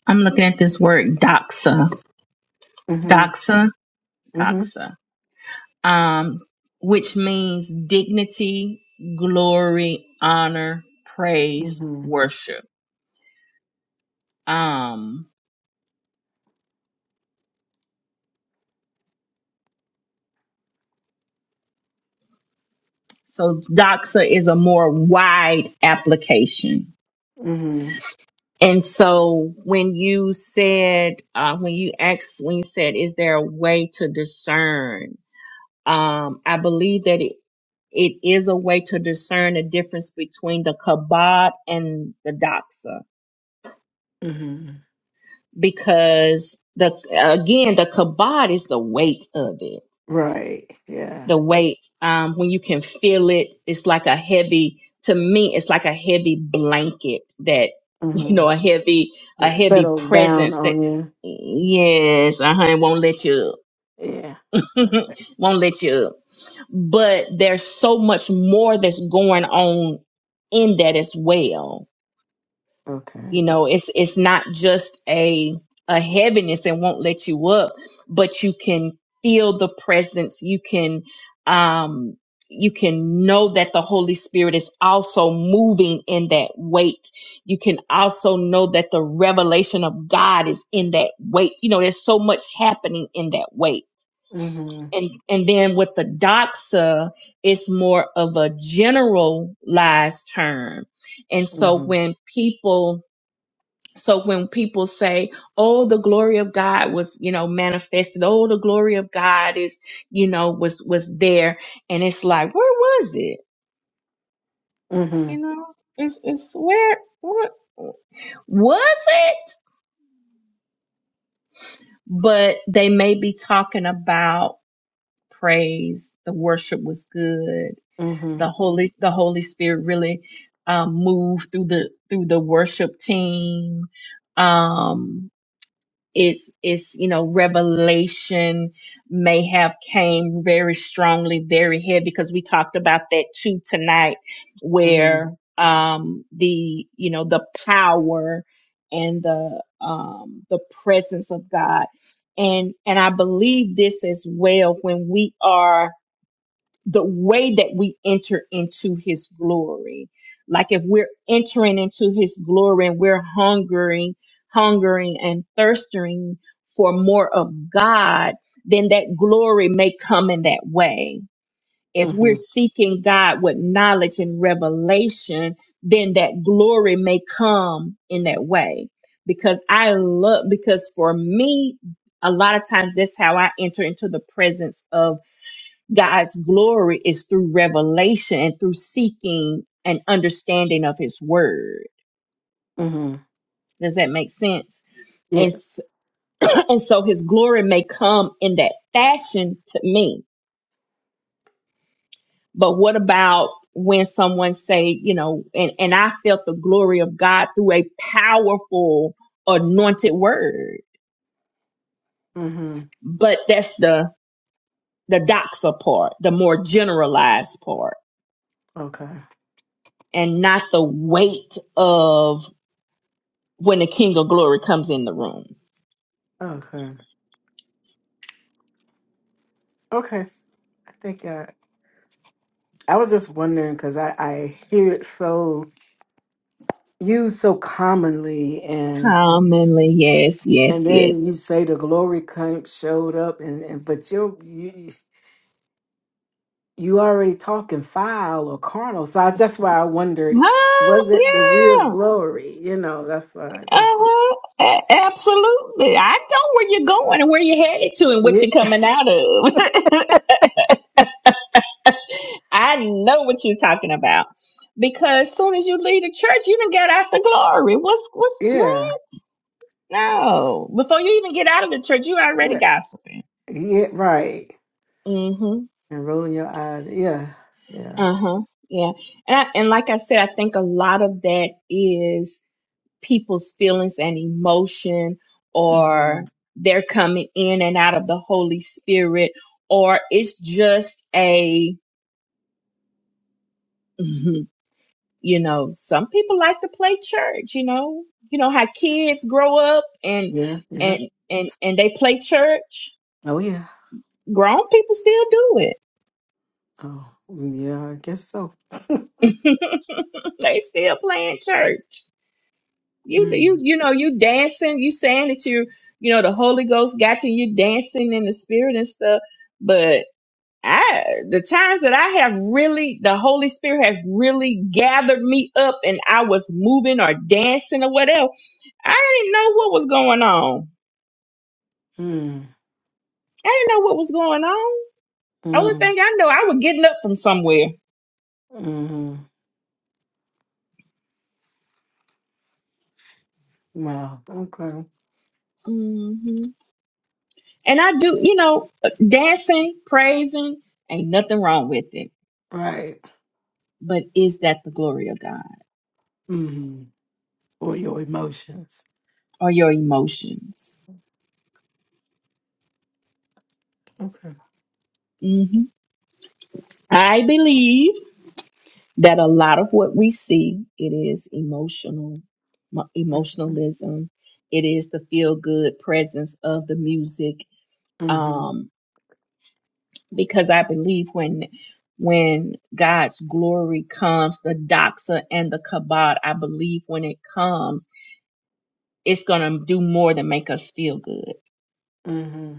S1: I'm looking at this word doxa,
S3: Mm-hmm.
S1: doxa,
S3: Mm-hmm.
S1: doxa, um, which means dignity, glory, honor, praise,
S3: Mm-hmm.
S1: worship. Um, so doxa is a more wide application.
S3: Mm-hmm.
S1: And so when you said, uh, when you asked, when you said, is there a way to discern? Um, I believe that it, it is a way to discern the difference between the kabod and the doxa
S3: Mm-hmm.
S1: because the, again, the kabod is the weight of it
S3: Right. Yeah.
S1: the weight um, when you can feel it it's like a heavy to me it's like a heavy blanket that (laughs) you
S3: Mm-hmm.
S1: know a heavy a
S3: Just
S1: heavy
S3: settles down
S1: presence that
S3: on you.
S1: yes uh-huh it won't let you up
S3: Yeah.
S1: (laughs) won't let you up but there's so much more that's going on in that as well
S3: Okay.
S1: you know it's it's not just a a heaviness and won't let you up but you can feel the presence you can um you can know that the holy spirit is also moving in that weight you can also know that the revelation of god is in that weight you know there's so much happening in that weight
S3: Mm-hmm.
S1: and and then with the doxa it's more of a generalized term and so
S3: Mm-hmm.
S1: when people so when people say, "Oh, the glory of God was, you know, manifested. Oh, the glory of God is, you know, was was there," and it's like, where was it?
S3: Mm-hmm.
S1: You know, it's it's where what was it? But they may be talking about praise. The worship was good.
S3: Mm-hmm.
S1: The holy the Holy Spirit really um, moved through the through the worship team. Um, it's it's you know revelation may have came very strongly very heavy because we talked about that too tonight where um the you know the power and the um the presence of god and and i believe this as well when we are the way that we enter into his glory like if we're entering into his glory and we're hungering hungering and thirsting for more of god then that glory may come in that way if
S3: Mm-hmm.
S1: we're seeking god with knowledge and revelation then that glory may come in that way because i love because for me a lot of times that's how i enter into the presence of God's glory is through revelation and through seeking and understanding of his word.
S3: Mm-hmm.
S1: Does that make sense? And, s-
S3: Yes.
S1: (clears throat) and so his glory may come in that fashion to me. But what about when someone say, you know, and, and I felt the glory of God through a powerful anointed word.
S3: Mm-hmm.
S1: But that's the the doxa part, the more generalized part,
S3: Okay.
S1: and not the weight of. when the King of Glory comes in the room.
S3: Okay. Okay. I think uh, I was just wondering because I, I hear it so used so commonly, and
S1: Commonly, yes, yes,
S3: and
S1: yes.
S3: then you say the glory came, showed up, and, and but you're, you you already talking foul or carnal, so I, that's why I wondered
S1: Huh?
S3: was it the real
S1: Yeah.
S3: glory? You know, that's why I just
S1: Uh-huh. A- absolutely. I know where you're going and where you're headed to and what
S3: yeah
S1: you're coming out of. (laughs) I know what you're talking about. Because soon as you leave the church, you done got out the glory. What's
S3: (laughs)
S1: what's
S3: yeah
S1: No, before you even get out of the church, you already
S3: yeah,
S1: gossiping.
S3: yeah right
S1: hmm
S3: and rolling your eyes yeah yeah
S1: Uh-huh. Yeah. And I, and like I said, I think a lot of that is people's feelings and emotion, or
S3: hmm
S1: they're coming in and out of the Holy Spirit, or it's just a, Mhm. you know, some people like to play church. You know, you know how kids grow up and
S3: yeah yeah
S1: and and and they play church.
S3: oh yeah.
S1: Grown people still do it
S3: Oh, yeah, I guess so. (laughs)
S1: (laughs) they still playing church. You
S3: Mm.
S1: you you know you dancing. You saying that you you know the Holy Ghost got you. You dancing in the Spirit and stuff. But I the times that I have really the Holy Spirit has really gathered me up and I was moving or dancing or whatever. I didn't know what was going on.
S3: Mm,
S1: I didn't know what was going on. Only
S3: mm,
S1: thing I know, I was getting up from somewhere.
S3: mm. Wow. Okay.
S1: hmm And I do, you know, dancing, praising, ain't nothing wrong with it
S3: Right.
S1: But is that the glory of God
S3: Mm-hmm. Or your emotions.
S1: or your emotions?
S3: Okay.
S1: hmm I believe that a lot of what we see it is emotional, mo-
S3: Mm-hmm.
S1: emotionalism. It is the feel good presence of the music, um, because I believe when when God's glory comes, the doxa and the kabod, I believe when it comes, it's gonna do more than make us feel good.
S3: Mm-hmm.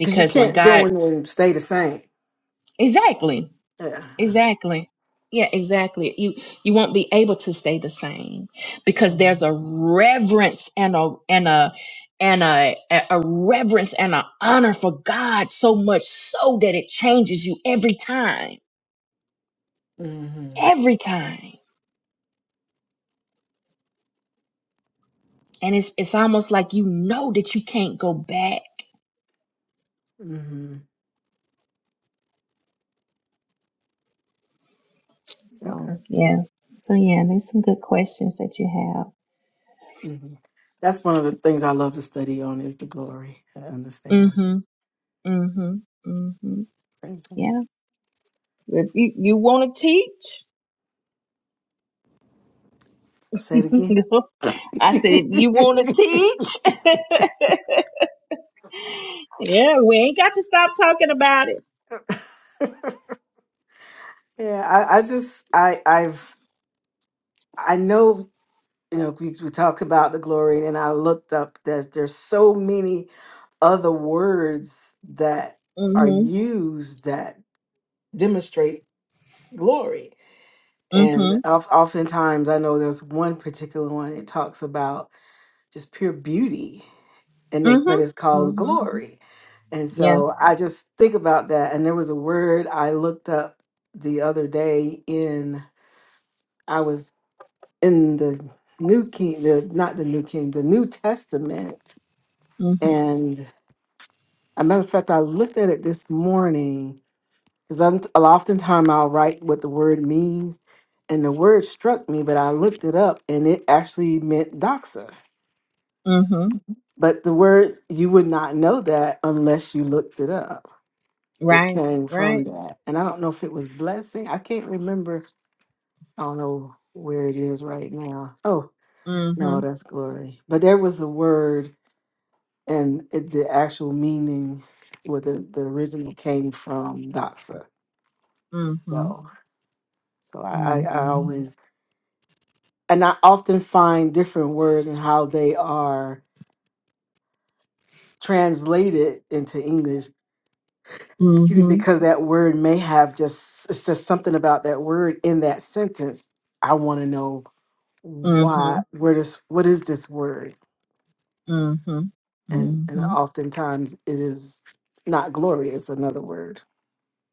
S3: Because you
S1: when
S3: can't go
S1: God,
S3: in and stay the same.
S1: exactly,
S3: Yeah.
S1: Exactly. Yeah, exactly. You you won't be able to stay the same because
S3: Mm-hmm.
S1: there's a reverence and a and a and a a reverence and an honor for God so much so that it changes you every time.
S3: Mm-hmm.
S1: Every time. And it's it's almost like you know that you can't go back.
S3: hmm Okay.
S1: So yeah. So yeah, there's some good questions that you have.
S3: Mm-hmm. That's one of the things I love to study on is the glory. I understand.
S1: Mm-hmm. Mm-hmm. Mm-hmm. Yeah.
S3: Presence.
S1: If you, you wanna teach?
S3: Say
S1: (laughs) I said, if you want to
S3: it
S1: teach, (laughs) yeah, we ain't got to stop talking about it.
S3: again. (laughs) Yeah, I, I just I I've I know you know we, we talk about the glory and I looked up that there's so many other words that are
S1: Mhm,
S3: used that demonstrate glory. And
S1: mhm,
S3: of, oftentimes I know there's one particular one it talks about just pure beauty and it but
S1: mhm,
S3: it's called
S1: mhm.
S3: glory. And
S1: Yeah,
S3: so I just think about that and there was a word I looked up the other day in I was in the New King, the not the New King, the New Testament.
S1: mhm,
S3: And a matter of fact, I looked at it this morning because I'm oftentimes I'll write what the word means, and the word struck me, but I looked it up, and it actually meant doxa.
S1: mhm.
S3: But the word you would not know that unless you looked it up. It
S1: Right,
S3: came from
S1: right.
S3: that, and I don't know if it was blessing. I can't remember. I don't know where it is right now. Oh no,
S1: Mhm,
S3: that's glory. But there was a word and it, the actual meaning where the, the original came from doxa
S1: mhm,
S3: so so I, I
S1: mhm,
S3: i
S1: mhm,
S3: always and i often find different words and how they are translated into english excuse me,
S1: mhm,
S3: because that word may have just it's just something about that word in that sentence i want to know why
S1: mhm,
S3: where this what is this word and and
S1: mhm,
S3: oftentimes it is not glorious another word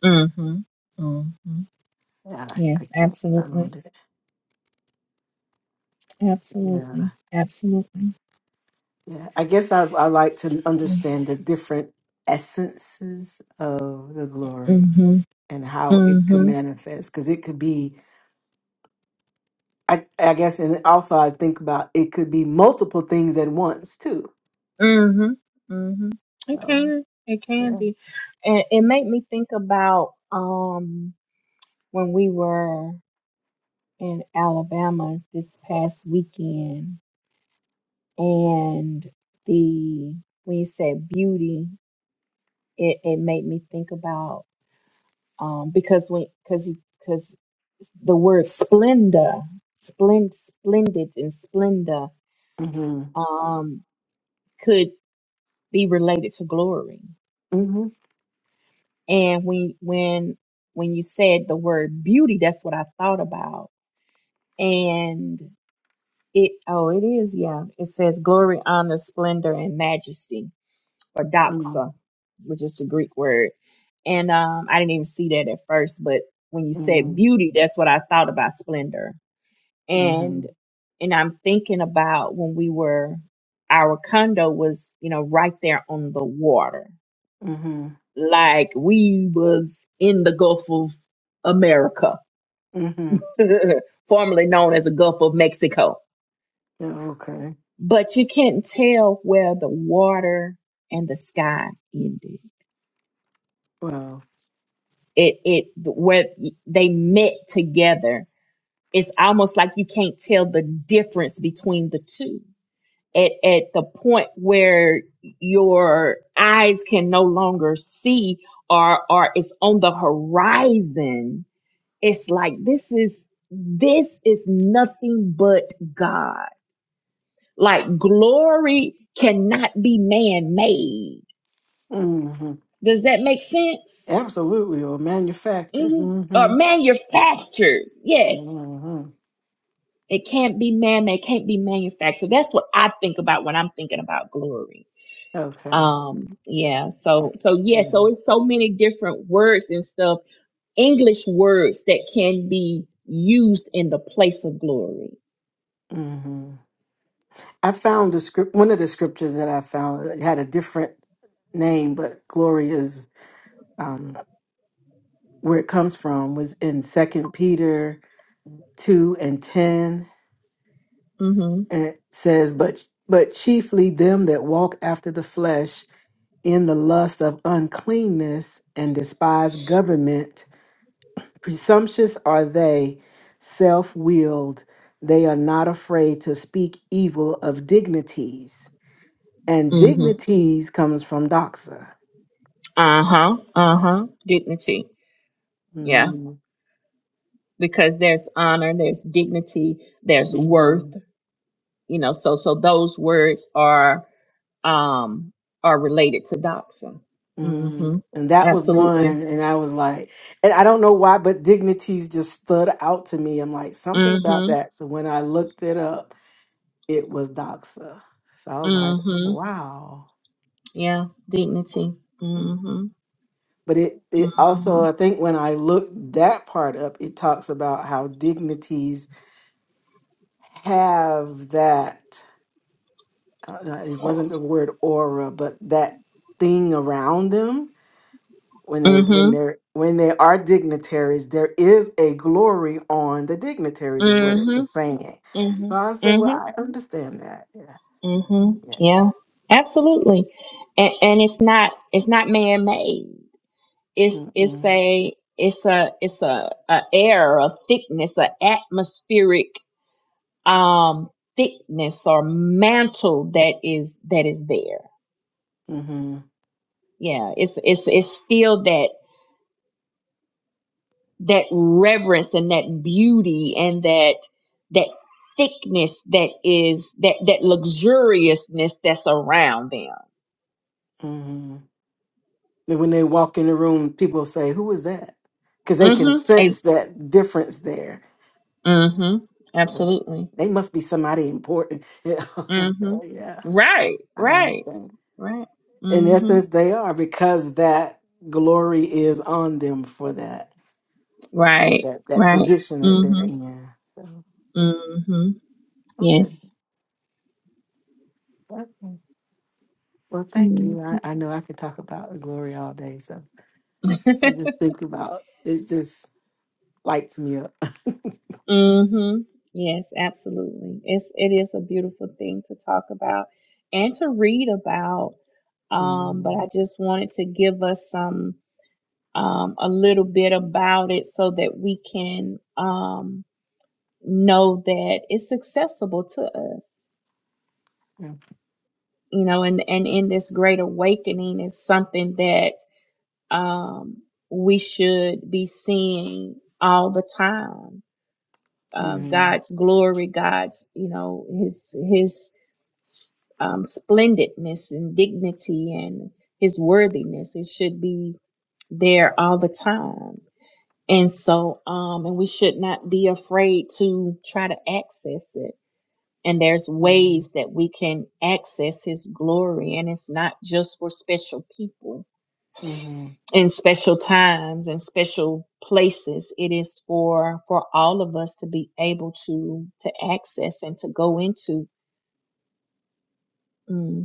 S1: mhm, mhm.
S3: yeah i, I
S1: Yes,
S3: can't
S1: absolutely,
S3: find it yeah
S1: absolutely, absolutely,
S3: Yeah, I guess I, I like to
S1: absolutely.
S3: understand the different essences of the glory
S1: Mhm,
S3: and how it could
S1: mhm,
S3: manifest because it could be, I, I guess, and also I think about it could be multiple things at once too.
S1: Mhm. Mhm. It
S3: So,
S1: can. It can
S3: yeah.
S1: be. And it made me think about um when we were in Alabama this past weekend and the when you said beauty, it, it made me think about um because when because you because the word splendor, splend splendid and splendor
S3: Mm-hmm.
S1: um could be related to glory.
S3: Mm-hmm.
S1: And when when when you said the word beauty, that's what I thought about. And it oh, it is, yeah. It says glory, honor, splendor, and majesty, or
S3: Mm-hmm.
S1: doxa, which is the Greek word. And um, I didn't even see that at first, but when you said beauty, that's what I thought about splendor.
S3: Mm-hmm.
S1: And and I'm thinking about when we were our condo was, you know, right there on the water
S3: Mm-hmm.
S1: like we was in the Gulf of America,
S3: Mm-hmm.
S1: (laughs) formerly known as the Gulf of Mexico.
S3: Yeah, okay.
S1: But you can't tell where the water and the sky ended.
S3: Well,
S1: It it where they met together. It's almost like you can't tell the difference between the two. At at the point where your eyes can no longer see or or it's on the horizon it's like this is this is nothing but god like glory cannot be man made
S3: mm-hmm.
S1: does that make sense
S3: absolutely. Or manufactured.
S1: hmm or
S3: Mm-hmm.
S1: manufactured yes
S3: Mm-hmm.
S1: it can't be man made can't be manufactured that's what i think about when i'm thinking about glory
S3: Okay.
S1: um yeah so so
S3: Yeah.
S1: yeah so it's so many different words and stuff english words that can be used in the place of glory
S3: Mm-hmm. I found the script. One of the scriptures that I found it had a different name, but glory is um, where it comes from. Was in Second Peter two and ten,
S1: mm-hmm
S3: and it says, "But but chiefly them that walk after the flesh in the lust of uncleanness and despise government. Presumptuous are they, self willed. They are not afraid to speak evil of dignities." and
S1: Mm-hmm.
S3: dignities comes from doxa.
S1: Uh-huh. Uh-huh. Dignity. Yeah.
S3: Mm,
S1: Because there's honor, there's dignity, there's worth,
S3: mhm,
S1: you know, so so those words are um are related to doxa. Mm-hmm.
S3: mm. And that was one,
S1: Absolutely.
S3: and I was like, and I don't know why, but dignities just stood out to me. I'm like, something about
S1: Mm-hmm.
S3: that. So when I looked it up, it was doxa. So I was like,
S1: Mm-hmm.
S3: wow.
S1: Yeah. Dignity. Mm-hmm.
S3: But it, it
S1: Mm-hmm.
S3: also, I think when I looked that part up, it talks about how dignities have that, uh, it wasn't the word aura, but that thing around them when they when
S1: Mm-hmm.
S3: they're when they are dignitaries, there is a glory on the dignitaries, is what it
S1: Mm-hmm.
S3: was saying.
S1: Mm-hmm.
S3: So I said, well,
S1: Mm-hmm.
S3: I understand that. Yeah,
S1: Mm-hmm.
S3: yeah.
S1: Yeah. Absolutely. And and it's not it's not man made. it's it's
S3: Mm-mm.
S1: a it's a it's a, a air a thickness an atmospheric um thickness or mantle that is that is there
S3: Mm-hmm.
S1: yeah it's it's it's still that that reverence and that beauty and that that thickness that is that that luxuriousness that's around them
S3: Mm-hmm. And when they walk in the room, people say, "Who is that?" Because they can
S1: mhm Ex-
S3: sense that difference there.
S1: mhm
S3: They're like,
S1: absolutely
S3: They must be somebody important. (laughs) You know?
S1: mhm
S3: so yeah,
S1: right
S3: I
S1: right
S3: understand.
S1: right
S3: In
S1: mhm
S3: essence, they are because that glory is on them for that.
S1: Right,
S3: that that
S1: right.
S3: position that they're
S1: Mhm.
S3: in. So
S1: Mhm.
S3: okay,
S1: Yes.
S3: okay. Well, thank
S1: Mm.
S3: you. I, I know I could talk about the glory all day, so I just think about it. Just lights me up. (laughs)
S1: mhm. (laughs) Yes, absolutely. It's it is a beautiful thing to talk about and to read about. Um, but
S3: mm-hmm.
S1: I just wanted to give us some um a little bit about it so that we can um know that it's accessible to us.
S3: Yeah.
S1: You know, and and in this great awakening is something that um, we should be seeing all the time uh,
S3: Mm-hmm.
S1: God's glory, God's you know His His s- um, splendidness and dignity and His worthiness. It should be there all the time, and so um, and we should not be afraid to try to access it. And there's ways
S3: Mm-hmm.
S1: that we can access His glory, and it's not just for special people
S3: Mm-hmm.
S1: in special times and special places it is for for all of us to be able to to access and to go into hmm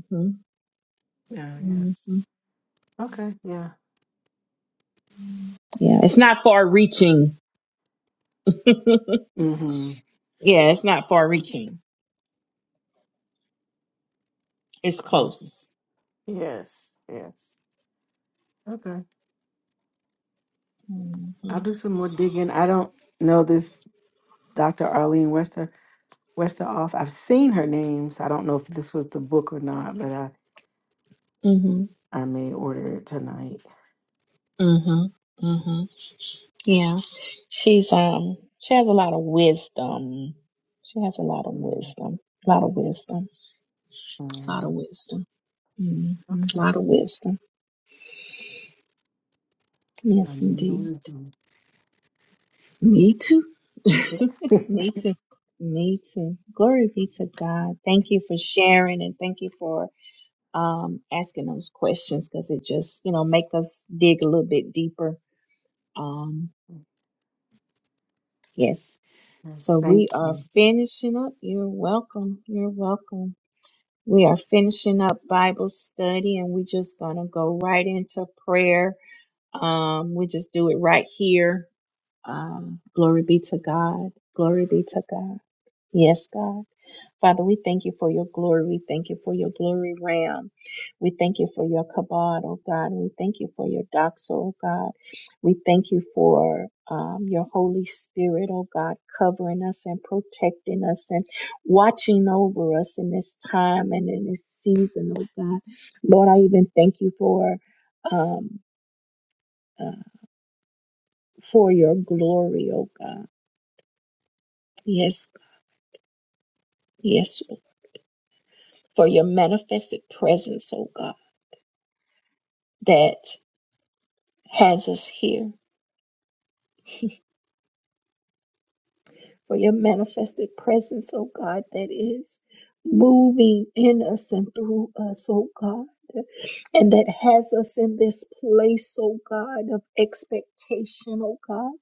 S3: Yeah. Yes.
S1: hmm
S3: Okay. Yeah.
S1: yeah it's not far reaching (laughs) yeah
S3: Mm-hmm.
S1: it's not far reaching it's
S3: Awesome.
S1: close
S3: Yes. Yes. Okay.
S1: mm-hmm.
S3: I'll do some more digging. I don't know this Dr. Arlene Wester Wester I've seen her name, so I don't know if this was the book or not, but I
S1: hmm
S3: I may order it tonight.
S1: hmm hmm yeah she's um she has a lot of wisdom she has a lot of
S3: Mm,
S1: wisdom a lot of wisdom a lot of
S3: mm,
S1: wisdom hmm a
S3: Okay.
S1: lot of wisdom
S3: I
S1: Yes,
S3: need
S1: indeed.
S3: wisdom.
S1: Me too.
S3: yes,
S1: (laughs) Me
S3: (laughs)
S1: too. Me too. Glory be to God. Thank
S3: Yes,
S1: you for sharing and thank you for um, asking those questions because it just, you know, make us dig a little bit deeper. Um, yes. So we
S3: thank
S1: are
S3: you.
S1: finishing up. You're welcome. You're welcome. We are finishing up Bible study and we're just going to go right into prayer. Um, we just do it right here Um, glory be to God. Glory be to God. Yes, God. Father, we thank you for your glory. We thank you for your glory ram. We thank you for your kabod, oh God. We thank you for your doxa, oh God. We thank you for um, your Holy Spirit, oh God, covering us and protecting us and watching over us in this time and in this season, oh God. Lord, I even thank you for um, uh, for your glory, oh God. Yes, yes, for your manifested presence, oh God, that has us here. (laughs) for your manifested presence, oh God, that is moving in us and through us, oh God, and that has us in this place, oh God, of expectation, oh God,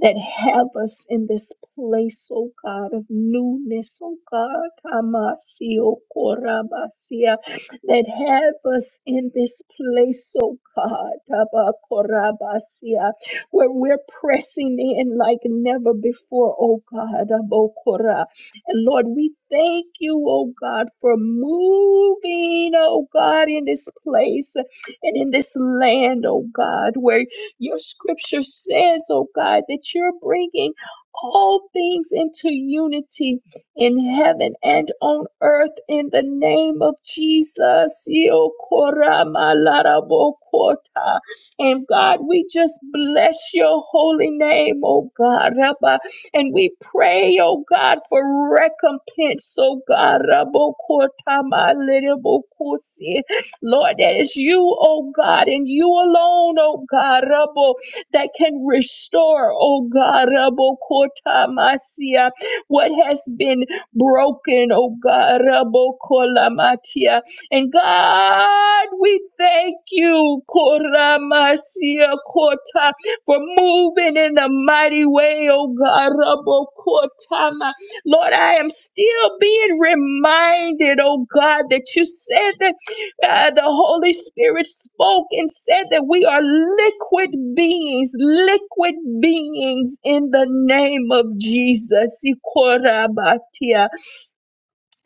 S1: that have us in this place, oh God, of newness, oh God, Kamasio Korabasia, that have us in this place, oh God, Tabakorabasia where we're pressing in like never before, oh God. Abokora. And Lord, we thank you, oh God, for moving, oh God, in this place and in this land, oh God, where your scripture says, oh God, that you're bringing all things into unity in heaven and on earth in the name of Jesus. Yo, malara, bokota. And God, we just bless your holy name, oh God, Rabba. And we pray, oh God, for recompense, oh God, Rabbo Kotama Lidabo Kosi. Lord, that is you, oh God, and you alone, oh God, Rabbo, that can restore, oh God, Rabbo Kotamasia, what has been broken, oh God, Rabbo Kolamatia. And God, we thank you, Koramasia Kota, for moving in the mighty way, oh God, Rabo Kotama. Lord, I am still being reminded, oh God, that you said that uh, the Holy Spirit spoke and said that we are liquid beings, liquid beings in the name of Jesus. Ikorabatia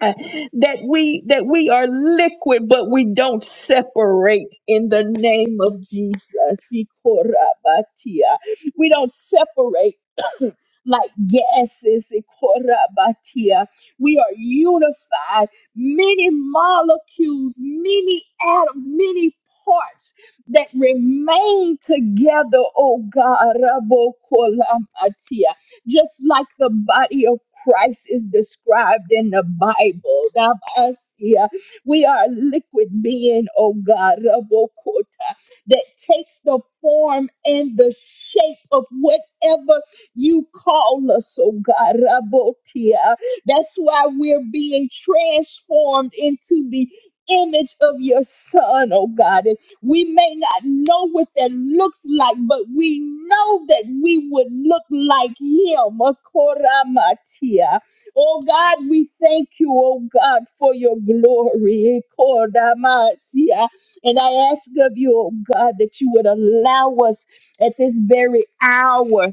S1: uh, that we that we are liquid but we don't separate in the name of Jesus. Ikorabatia. We don't separate (clears throat) (coughs) like gases. Ikorabatia. We are unified, many molecules, many atoms, many parts that remain together, oh God. Rabokolamatia just like the body of Christ is described in the Bible. Rabasia. We are a liquid being, oh God, Rabokota, that takes the form and the shape of whatever you call us, oh God, Rabotia. That's why we're being transformed into the image of your son, oh God. And we may not know what that looks like, but we know that we would look like Him. Akoramatia. Oh God, we thank you, oh God, for your glory. Akoramatia. And I ask of you, oh God, that you would allow us at this very hour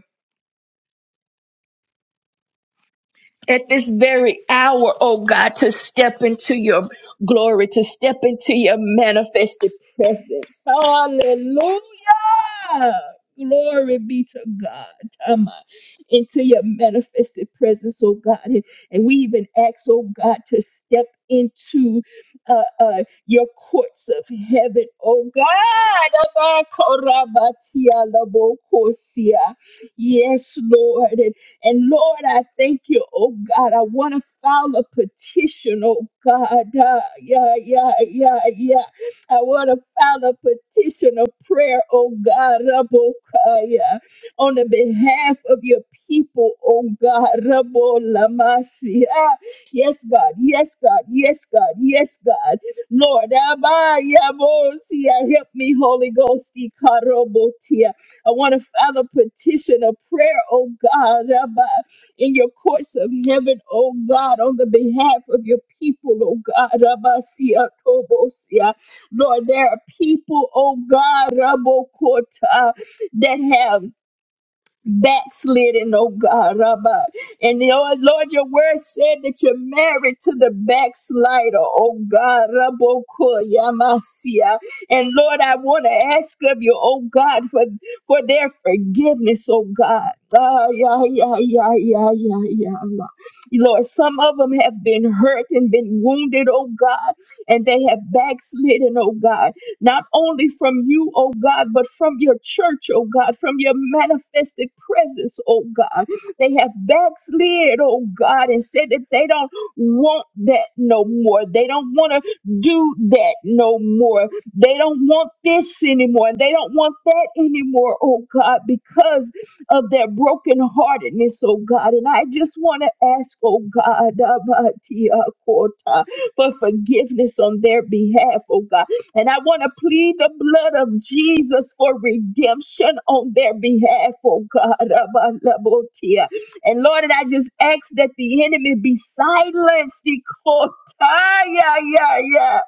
S1: at this very hour, oh God, to step into your glory, to step into your manifested presence. Hallelujah. Glory be to God. Tama. Into your manifested presence, oh God. And and we even ask, oh God, to step into uh, uh, your courts of heaven, oh God. Abakorabatia labokosia. Yes, Lord. And Lord, I thank you, oh God. I want to file a petition, oh God. Uh, yeah, yeah, yeah, yeah. I want to file a petition of prayer, oh God, Rabokaya, on the behalf of your people, oh God, Rabolamasi. Ah, Yes, God, yes, God, yes, God, yes, God. Lord, Abayabosia, help me, Holy Ghost, I want to file a petition, a prayer, oh God, Rabbi, in your courts of heaven, oh God, on the behalf of your people, oh God, Rabbi, Sia, Tobo, Sia. Lord, there are people, oh God, Rabbi, Kota, that have backslidden, oh God, Rabbi. And you know, Lord, your word said that you're married to the backslider, oh God, Raboko Yamasia. And Lord, I want to ask of you, oh God, for, for their forgiveness, oh God. Ah, yeah, yeah, yeah, yeah, yeah, yeah. Lord, Lord, some of them have been hurt and been wounded, oh God, and they have backslidden, oh God not only from you, oh God, but from your church, oh God, from your manifested presence, oh God. They have backslid, oh God, and said that they don't want that no more. They don't want to do that no more. They don't want this anymore. They don't want that anymore, oh God, because of their brokenheartedness, oh God. And I just want to ask, oh God, (laughs) Abba, Tia, Kota, for forgiveness on their behalf, oh God. And I want to plead the blood of Jesus for redemption on their behalf, oh God. Abalabotia. And Lord, and I just ask that the enemy be silenced Ikotaya, ya, ya,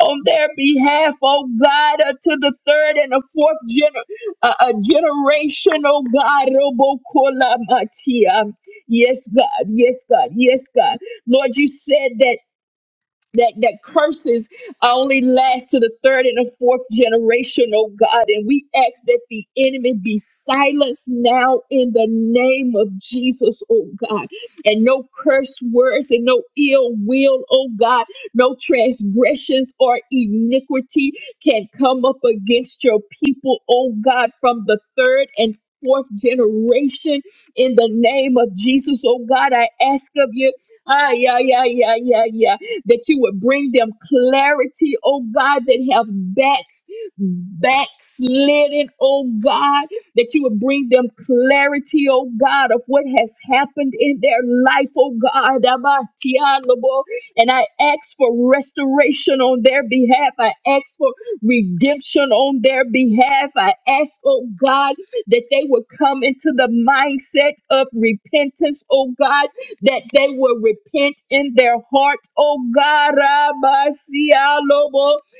S1: on their behalf, oh God, uh, to the third and the fourth gener- uh, uh, generation, oh God. Robokolamatia. Yes, God. Yes, God. Yes, God. Lord, you said that that that curses only last to the third and the fourth generation, oh God. And we ask that the enemy be silenced now in the name of Jesus, oh God. And no curse words and no ill will, oh God, no transgressions or iniquity can come up against your people, oh God, from the third and fourth generation in the name of Jesus, oh God. I ask of you. Ah, yeah, yeah, yeah, yeah, yeah that you would bring them clarity, oh God, that have backs, backslidden, oh God, that you would bring them clarity, oh God, of what has happened in their life, oh God. Amatialobo. And I ask for restoration on their behalf. I ask for redemption on their behalf. I ask, oh God, that they would come into the mindset of repentance, oh God, that they will repent in their heart, oh God, Rabasialobo,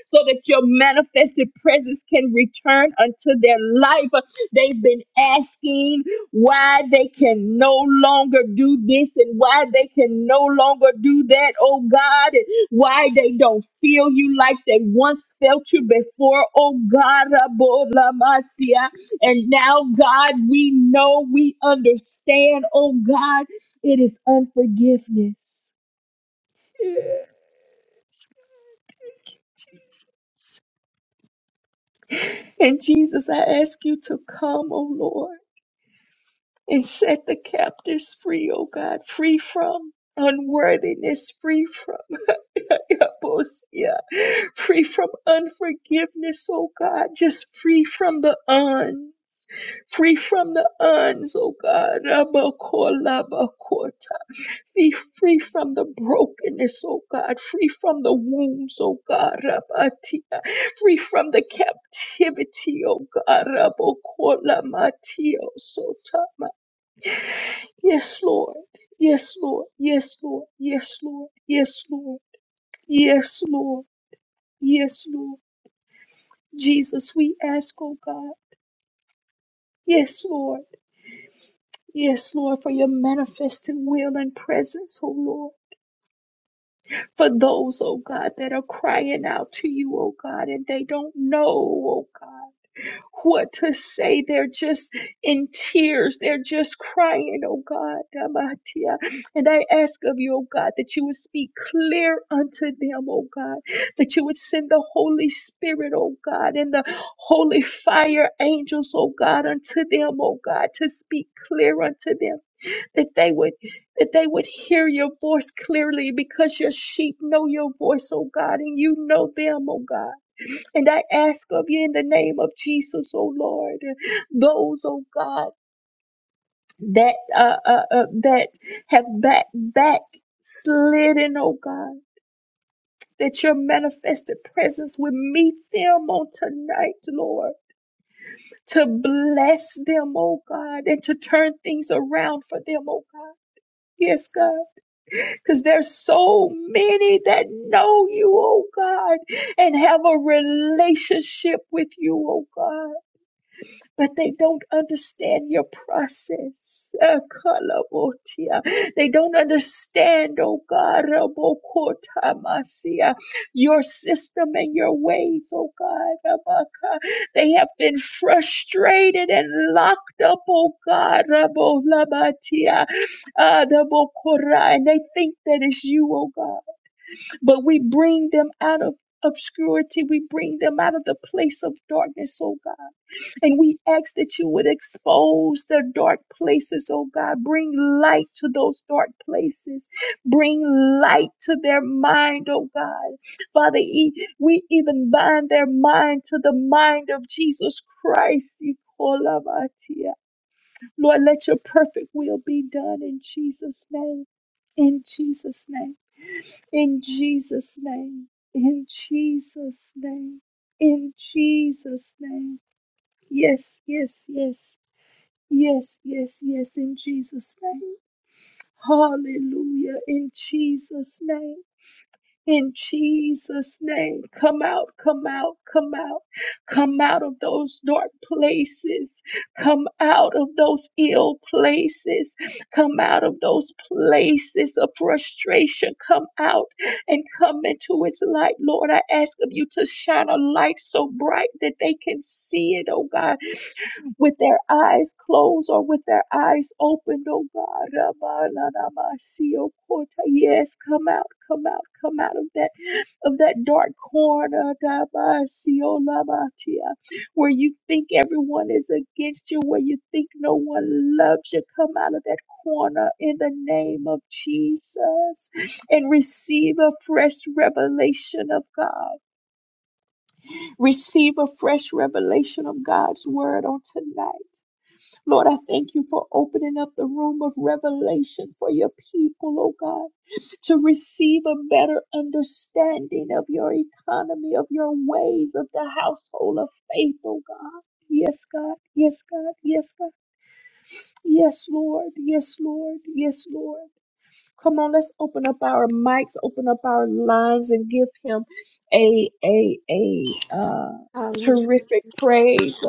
S1: so that your manifested presence can return unto their life. They've been asking why they can no longer do this and why they can no longer do that, oh God, and why they don't feel you like they once felt you before, oh God, Rabolamasia. And now, God, we know, we understand, oh God. It is unforgiveness. Yes. Thank you, Jesus. And Jesus, I ask you to come, O Lord, and set the captives free, O God, free from unworthiness, free from Yabosia, free from unforgiveness, O God, just free from the uns. Free from the uns, O God. Rabakolabakota. Be free from the brokenness, oh God. Free from the wounds, oh God. Rabatia. Free from the captivity, oh God. Rabokolamatia, Sotama. Yes, Lord. Yes, Lord. Yes, Lord. Yes, Lord. Yes, Lord. Yes, Lord. Yes, Lord. Jesus, we ask, oh God. Yes, Lord. Yes, Lord, for your manifesting will and presence, oh Lord. for those, oh God, that are crying out to you, oh God, and they don't know, oh God, what to say. They're just in tears. They're just crying, oh God. Tabatia. And I ask of you, oh God, that you would speak clear unto them, oh God, that you would send the Holy Spirit, oh God, and the holy fire angels, oh God, unto them, oh God, to speak clear unto them that they would that they would hear your voice clearly because your sheep know your voice, oh God, and you know them, oh God. And I ask of you in the name of Jesus, oh Lord, those, oh God, that uh, uh, uh that have back back slidden, oh God, that your manifested presence would meet them on tonight, Lord, to bless them, oh God, and to turn things around for them, oh God. Yes, God. because there's so many that know you, oh God, and have a relationship with you, oh God, but they don't understand your process. Uh, kalabotia. They don't understand, oh God, rabokotamasia, your system and your ways, oh God. rabaka. They have been frustrated and locked up, oh God, rabolabatia Ah, the Adabokora, and they think that it's you, oh God. But we bring them out of obscurity. We bring them out of the place of darkness, oh God. And we ask that you would expose the dark places, oh God. Bring light to those dark places. Bring light to their mind, oh God. Father, e- we even bind their mind to the mind of Jesus Christ. Ikolavatia. Lord, let your perfect will be done in Jesus' name. In Jesus' name. In Jesus' name. In Jesus' name. In Jesus' name. Yes, yes, yes. Yes, yes, yes. In Jesus' name. Hallelujah. In Jesus' name. In Jesus' name, come out, come out, come out, come out of those dark places, come out of those ill places, come out of those places of frustration, come out and come into His light. Lord, I ask of you to shine a light so bright that they can see it, oh God with their eyes closed or with their eyes opened, oh God. Rabananamasiyokota. Yes, come out, come out, come out of that of that dark corner, Dabasiolabatia, where you think everyone is against you, where you think no one loves you. Come out of that corner in the name of Jesus and receive a fresh revelation of God. Receive a fresh revelation of God's word on tonight Lord, I thank you for opening up the room of revelation for your people, oh God, to receive a better understanding of your economy, of your ways, of the household of faith, oh God. Yes, God. Yes, God. Yes, God. Yes, Lord. Yes, Lord. Yes, Lord. Come on, let's open up our mics, open up our lines, and give Him a a a uh,
S4: Hallelujah.
S1: terrific praise.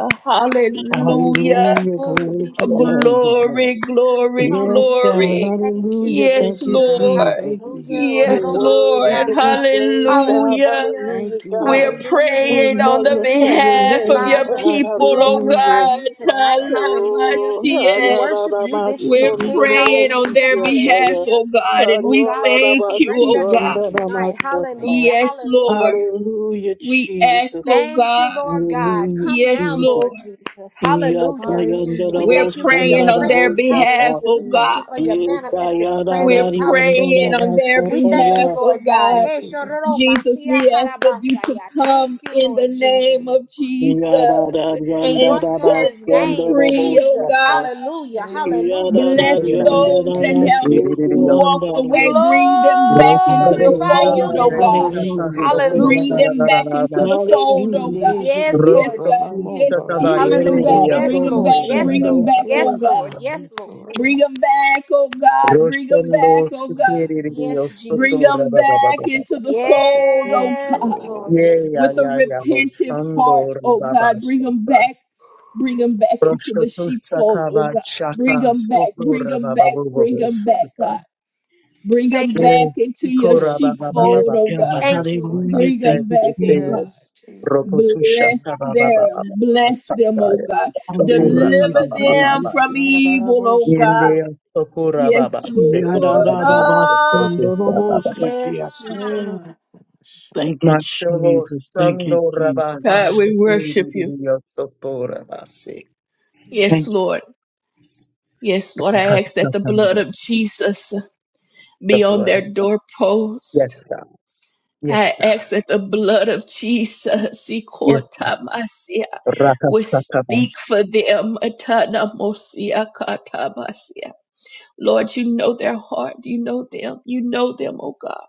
S4: Hallelujah.
S1: Hallelujah.
S2: Hallelujah.
S4: Glory
S2: Glory
S4: be
S2: to
S1: Oh,
S4: to
S2: your
S4: your
S2: name, dear
S4: name.
S2: God.
S1: Glory, glory,
S2: Yes,
S4: Hallelujah.
S2: God.
S1: glory.
S4: Thank you,
S2: Hallelujah.
S1: Yes,
S2: Thank
S3: Thank you,
S2: you,
S4: Jesus.
S3: God.
S1: Lord.
S2: Jesus.
S3: Thank you.
S4: Hallelujah.
S2: You're
S1: Yes,
S3: Lord.
S2: worthy to
S1: Lord.
S2: be
S4: Ororobosiasha.
S2: praised, God.
S1: Hallelujah.
S4: Hallelujah.
S2: Hallelujah,
S3: Thank you,
S2: God.
S1: We're
S3: Lord.
S4: Hallelujah.
S2: We
S4: Glory
S1: praying on
S4: be
S1: the
S4: unto
S2: magnify
S4: your
S2: your
S1: behalf
S3: Thank
S4: name,
S3: you,
S1: of
S2: name,
S1: your
S4: Father.
S3: Lord.
S2: God.
S4: We
S1: people, oh
S3: Yes, Lord.
S4: glorify
S2: Hallelujah.
S1: God.
S4: you tonight.
S3: Shabbat shalom.
S4: Hallelujah.
S2: Oh,
S3: Yeah.
S4: We
S1: Talamasie.
S4: worship you
S2: hallelujah.
S4: this
S3: Ooh,
S1: We're
S3: Lord,
S4: evening.
S3: shabbat
S1: praying on
S3: shalom.
S4: Hallelujah.
S1: their behalf,
S4: Hallelujah.
S1: oh God, and
S4: Oh
S1: we
S4: God, we
S1: thank
S4: just
S1: you,
S4: erect
S1: oh
S4: your
S1: God.
S4: name
S3: Thank you,
S4: tonight.
S3: Jesus. Thank you,
S4: Hallelujah.
S3: Lord.
S1: Yes,
S4: Hallelujah.
S1: Lord.
S2: Hallelujah,
S1: We ask,
S2: Jesus.
S1: oh
S4: Thank you,
S1: God.
S4: Lord God.
S2: Hallelujah,
S4: Come
S1: Yes,
S4: now,
S2: Jesus.
S1: Lord.
S4: Lord Jesus.
S2: Hallelujah,
S4: Hallelujah.
S2: hallelujah,
S3: Hallelujah,
S4: We
S1: We're
S3: Lord.
S2: Jesus.
S4: thank you
S3: Thank
S4: for
S3: you.
S4: your
S1: praying on their
S2: Hallelujah,
S4: presence.
S1: behalf,
S4: Hallelujah.
S1: oh
S4: We
S3: Ooh,
S4: thank
S1: God.
S4: you for your
S3: Lord.
S4: manifested
S1: We're
S4: presence. Hallelujah.
S1: praying on their
S4: We thank you,
S1: behalf, oh
S4: Lord God.
S1: God.
S3: Thank
S4: Eh,
S3: you, God.
S4: shororo
S3: Thank you,
S1: Jesus,
S4: masia
S1: we
S3: God.
S1: ask of you to
S4: karabasaya. Thank
S1: come
S4: you,
S1: in the
S4: Lord
S1: name
S4: Jesus.
S3: Ooh,
S1: of Jesus
S4: In
S1: and
S4: your
S1: set
S4: son's
S3: Lord.
S1: them
S4: name,
S1: free, oh
S4: Jesus.
S1: God.
S4: Hallelujah.
S3: Yes,
S4: Hallelujah.
S3: God.
S1: Bless
S4: Thank you,
S5: Roshendo
S3: Namashi,
S4: Jesus.
S1: those that
S3: Riri,
S1: have
S3: Naboko,
S1: walked
S4: We
S1: away.
S3: Rafa.
S1: Bring them back into the
S3: Yes,
S4: glorify
S3: God.
S4: you
S1: fold, oh
S4: this
S1: God.
S4: evening.
S3: Namashi Guru
S1: Bring
S4: Hallelujah.
S1: them
S3: Sati.
S1: back into the fold, oh God.
S3: Dehi
S4: Yes,
S3: Lord
S1: Yes,
S4: Lord
S2: Jesus.
S1: God.
S4: Jesus.
S3: Namo
S1: Yes, God.
S2: Yeah,
S1: Bring
S3: Barasha.
S1: them
S2: God,
S4: Hallelujah.
S1: back.
S2: I don't
S4: Yes,
S1: Bring
S2: know
S1: them
S2: how
S1: back.
S4: Lord. Yes,
S1: Bring them
S4: Lord.
S2: Shando.
S1: back, oh
S4: Yes,
S3: Yes,
S1: God.
S4: Lord.
S3: God.
S4: Yes,
S3: Yes,
S4: Lord.
S3: Lord.
S1: Bring
S3: Yes.
S1: them back, oh God. Bring them back,
S3: Yes.
S1: oh
S3: Lord.
S1: God.
S3: Thank you,
S5: sikiririyo
S3: God.
S4: Yes,
S5: soto
S1: Bring
S4: Jesus.
S1: them back into the
S5: rababababababasta.
S1: fold, oh
S3: Yes,
S1: God,
S4: Yes,
S3: Lord.
S4: Lord.
S5: Ye
S3: Yes,
S5: ya
S1: with a
S5: ya
S3: Lord.
S5: ya bo
S3: Yes,
S1: repentive
S3: God.
S5: sando
S3: Yes,
S1: heart, oh
S3: Lord.
S1: God. Bring
S5: rababasta.
S1: them back, bring them
S3: Jesus.
S1: back into
S5: Roshto
S1: the
S5: tusa
S1: sheepfold, oh
S5: kaba
S1: God.
S5: shaka
S1: Bring them back,
S5: soto
S1: bring them back, bring them back,
S5: rababababababasta.
S1: God. Bring them
S4: Thank you.
S1: back
S5: Yes,
S1: into your
S5: Ikora
S3: Yes,
S5: ba ba ba
S3: God.
S5: ba
S2: Yes,
S1: sheepfold,
S5: ba ba ba
S1: oh
S2: God,
S5: ba ba
S1: God.
S4: Thank you, Lord.
S5: Santa.
S2: hallelujah.
S1: Bring
S2: Thank
S5: Yes,
S1: them
S2: you,
S5: we
S1: back, oh
S5: say
S1: God.
S2: Jesus.
S3: Yes, Jesus.
S5: Rokotusha ta
S1: Bless
S5: ba ba
S3: Yes,
S5: ba ba ba
S1: them,
S5: ba
S1: bless them,
S5: Santa.
S1: oh God.
S5: Sokora ba ba
S1: Deliver
S2: Hallelujah,
S5: ba ba ba
S1: them
S5: ba.
S2: hallelujah.
S1: from evil,
S3: Lord.
S1: oh God.
S5: Yende Sokora ba
S1: Yes,
S5: ba.
S1: Lord.
S3: Yes,
S5: Sekiririya
S1: Ah.
S5: Sokora ba ba ba.
S4: Yes, Jesus.
S2: Yadadadabasandorobosikiyataya.
S3: Lord.
S2: Thank you,
S5: Machovo
S2: Jesus. Thank you,
S5: Sando
S2: Jesus.
S5: Raba
S1: God,
S3: Mm,
S1: we
S3: mm, mm.
S1: worship you.
S5: Hasekiririya Sokora ba se.
S3: Yes.
S1: Yes,
S5: Thank you.
S1: Lord. Yes, Lord. I ask that the blood of Jesus
S5: The
S1: be on
S5: blood.
S1: their
S5: Yes,
S1: doorpost.
S5: sir. Yes,
S1: I
S5: sir.
S1: ask that the blood of Jesus
S5: Yes.
S1: Ikotamasia, would
S5: Rakasataba.
S1: speak for them. Atanamosia katamasia. Lord, you know their heart. You know them. You know them, oh God.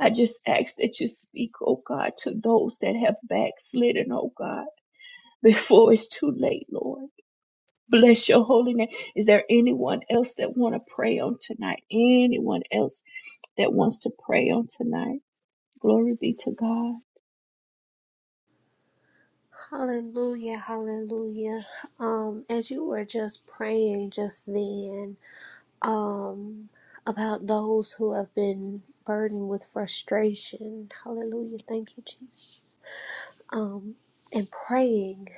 S1: I just ask that you speak, oh God, to those that have backslidden, oh God, before it's too late, Lord. Bless your holy name. Is there anyone else that want to pray on tonight? Anyone else that wants to pray on tonight? Glory be to God.
S4: Hallelujah. Hallelujah. Um, as you were just praying just then, um, about those who have been burdened with frustration. Hallelujah. Thank you, Jesus. Um, and praying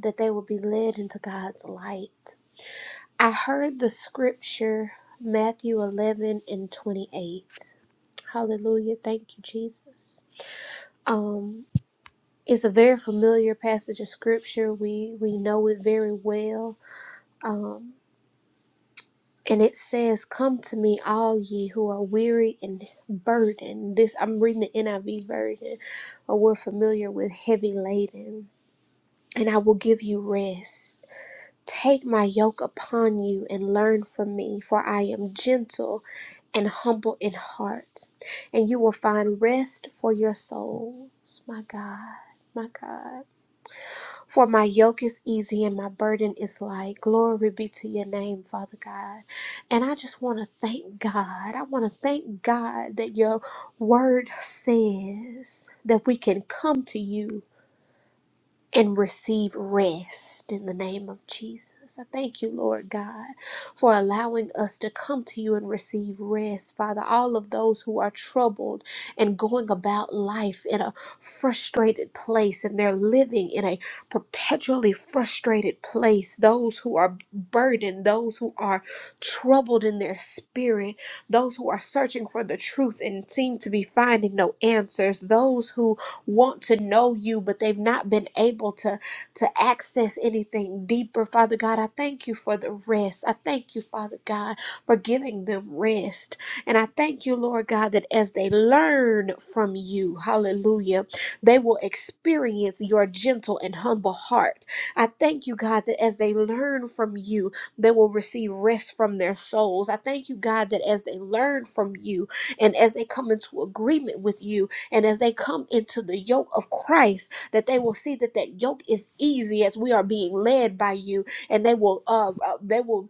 S4: that they will be led into God's light. I heard the scripture, Matthew 11 and 28. Hallelujah. Thank you, Jesus. Um, it's a very familiar passage of scripture. We we know it very well. Um, and it says, "Come to me, all ye who are weary and burdened." This I'm reading the NIV version, or we're familiar with heavy laden, and I will give you rest. Take my yoke upon you and learn from me, for I am gentle and humble in heart, and you will find rest for your souls. My God, my God. For my yoke is easy and my burden is light. Glory be to your name, Father God. And I just want to thank God. I want to thank God that your word says that we can come to you and receive rest in the name of Jesus. I thank you, Lord God, for allowing us to come to you and receive rest. Father, all of those who are troubled and going about life in a frustrated place and they're living in a perpetually frustrated place, those who are burdened, those who are troubled in their spirit, those who are searching for the truth and seem to be finding no answers, those who want to know you, but they've not been able to, to access anything deeper. Father God, I thank you for the rest. I thank you, Father God, for giving them rest. And I thank you, Lord God, that as they learn from you, hallelujah, they will experience your gentle and humble heart. I thank you, God, that as they learn from you, they will receive rest from their souls. I thank you, God, that as they learn from you and as they come into agreement with you, and as they come into the yoke of Christ, that they will see that that yoke is easy as we are being led by you, and they will uh, uh, they will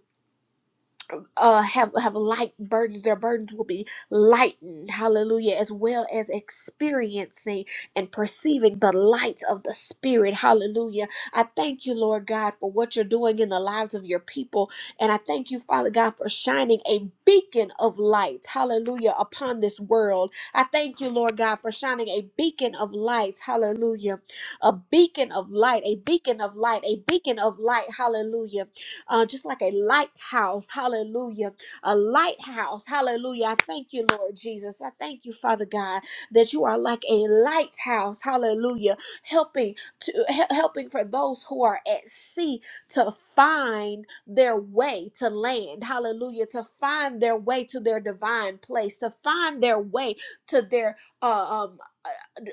S4: uh, have have light burdens. Their burdens will be lightened. Hallelujah. As well as experiencing and perceiving the lights of the Spirit. Hallelujah. I thank you, Lord God, for what you're doing in the lives of your people. And I thank you, Father God, for shining a beacon of light. Hallelujah. Upon this world. I thank you, Lord God, for shining a beacon of lights. Hallelujah. A beacon of light. A beacon of light. A beacon of light. Hallelujah uh, just like a lighthouse. Hallelujah. A lighthouse. Hallelujah. I thank you, Lord Jesus. I thank you, Father God, that you are like a lighthouse. Hallelujah. Helping to he- helping for those who are at sea to find their way to land. Hallelujah. To find their way to their divine place, to find their way to their uh, um,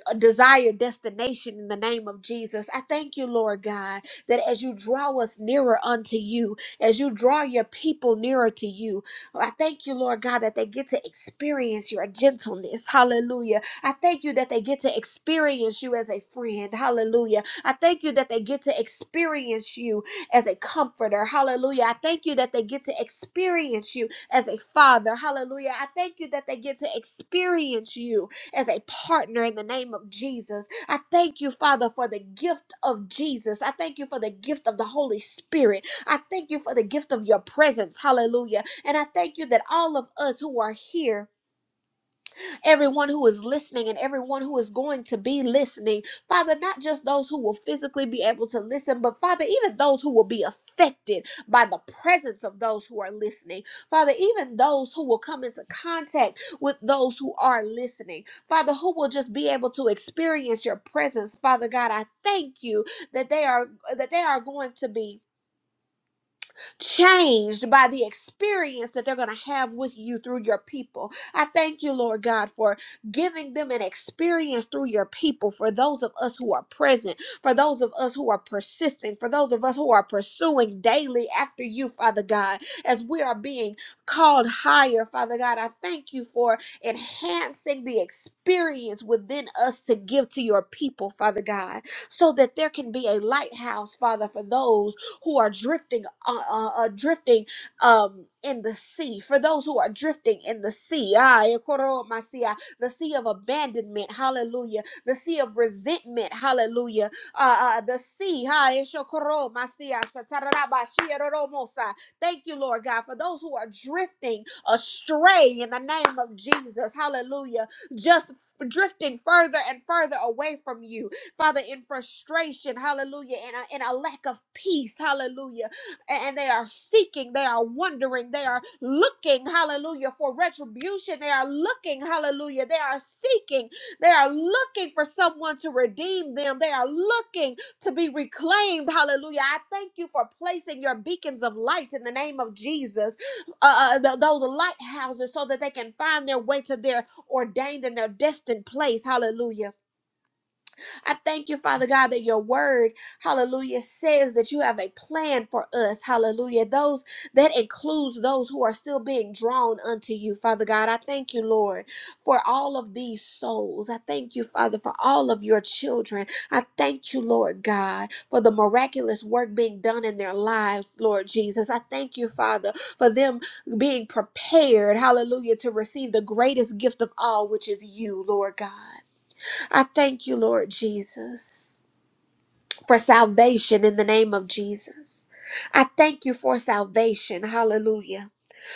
S4: a desired destination in the name of Jesus. I thank you, Lord God that as you draw us nearer unto you, as you draw your people nearer to you, I thank you, Lord God, that they get to experience your gentleness. Hallelujah. I thank you that they get to experience you as a friend. Hallelujah. I thank you that they get to experience you as a comforter. Hallelujah. I thank you that they get to experience you as a father. Hallelujah. I thank you that they get to experience you as a partner in the name of Jesus. I thank you, Father, for the gift of Jesus. I thank you for the gift of the Holy Spirit. I thank you for the gift of your presence. Hallelujah. And I thank you that all of us who are here everyone who is listening and everyone who is going to be listening. Father, not just those who will physically be able to listen, but Father, even those who will be affected by the presence of those who are listening. Father, even those who will come into contact with those who are listening. Father, who will just be able to experience your presence. Father God, I thank you that they are that they are going to be changed by the experience that they're going to have with you through your people. I thank you, Lord God, for giving them an experience through your people, for those of us who are present, for those of us who are persistent, for those of us who are pursuing daily after you, Father God, as we are being called higher, Father God. I thank you for enhancing the experience within us to give to your people, Father God, so that there can be a lighthouse, Father, for those who are drifting, uh, uh, uh, drifting um, in the sea. For those who are drifting in the sea, ah, ekoro masia, the sea of abandonment, hallelujah. The sea of resentment, hallelujah. Uh, uh, the sea, ha, eshokoro masia, sataraba, shieroromosa. thank you, Lord God, for those who are drifting astray in the name of Jesus, hallelujah. Just drifting further and further away from you Father, in frustration, hallelujah, and a, and a lack of peace, hallelujah. A- And they are seeking, they are wondering, they are looking, hallelujah, for retribution. They are looking, hallelujah, they are seeking, they are looking for someone to redeem them. They are looking to be reclaimed, hallelujah. I thank you for placing your beacons of light in the name of Jesus, uh, uh, th- those lighthouses, so that they can find their way to their ordained and their destined place, hallelujah. I thank you, Father God, that your word, hallelujah, says that you have a plan for us, hallelujah. Those that includes those who are still being drawn unto you, Father God. I thank you, Lord, for all of these souls. I thank you, Father, for all of your children. I thank you, Lord God, for the miraculous work being done in their lives, Lord Jesus. I thank you, Father, for them being prepared, hallelujah, to receive the greatest gift of all, which is you, Lord God. I thank you, Lord Jesus, for salvation in the name of Jesus. I thank you for salvation. Hallelujah.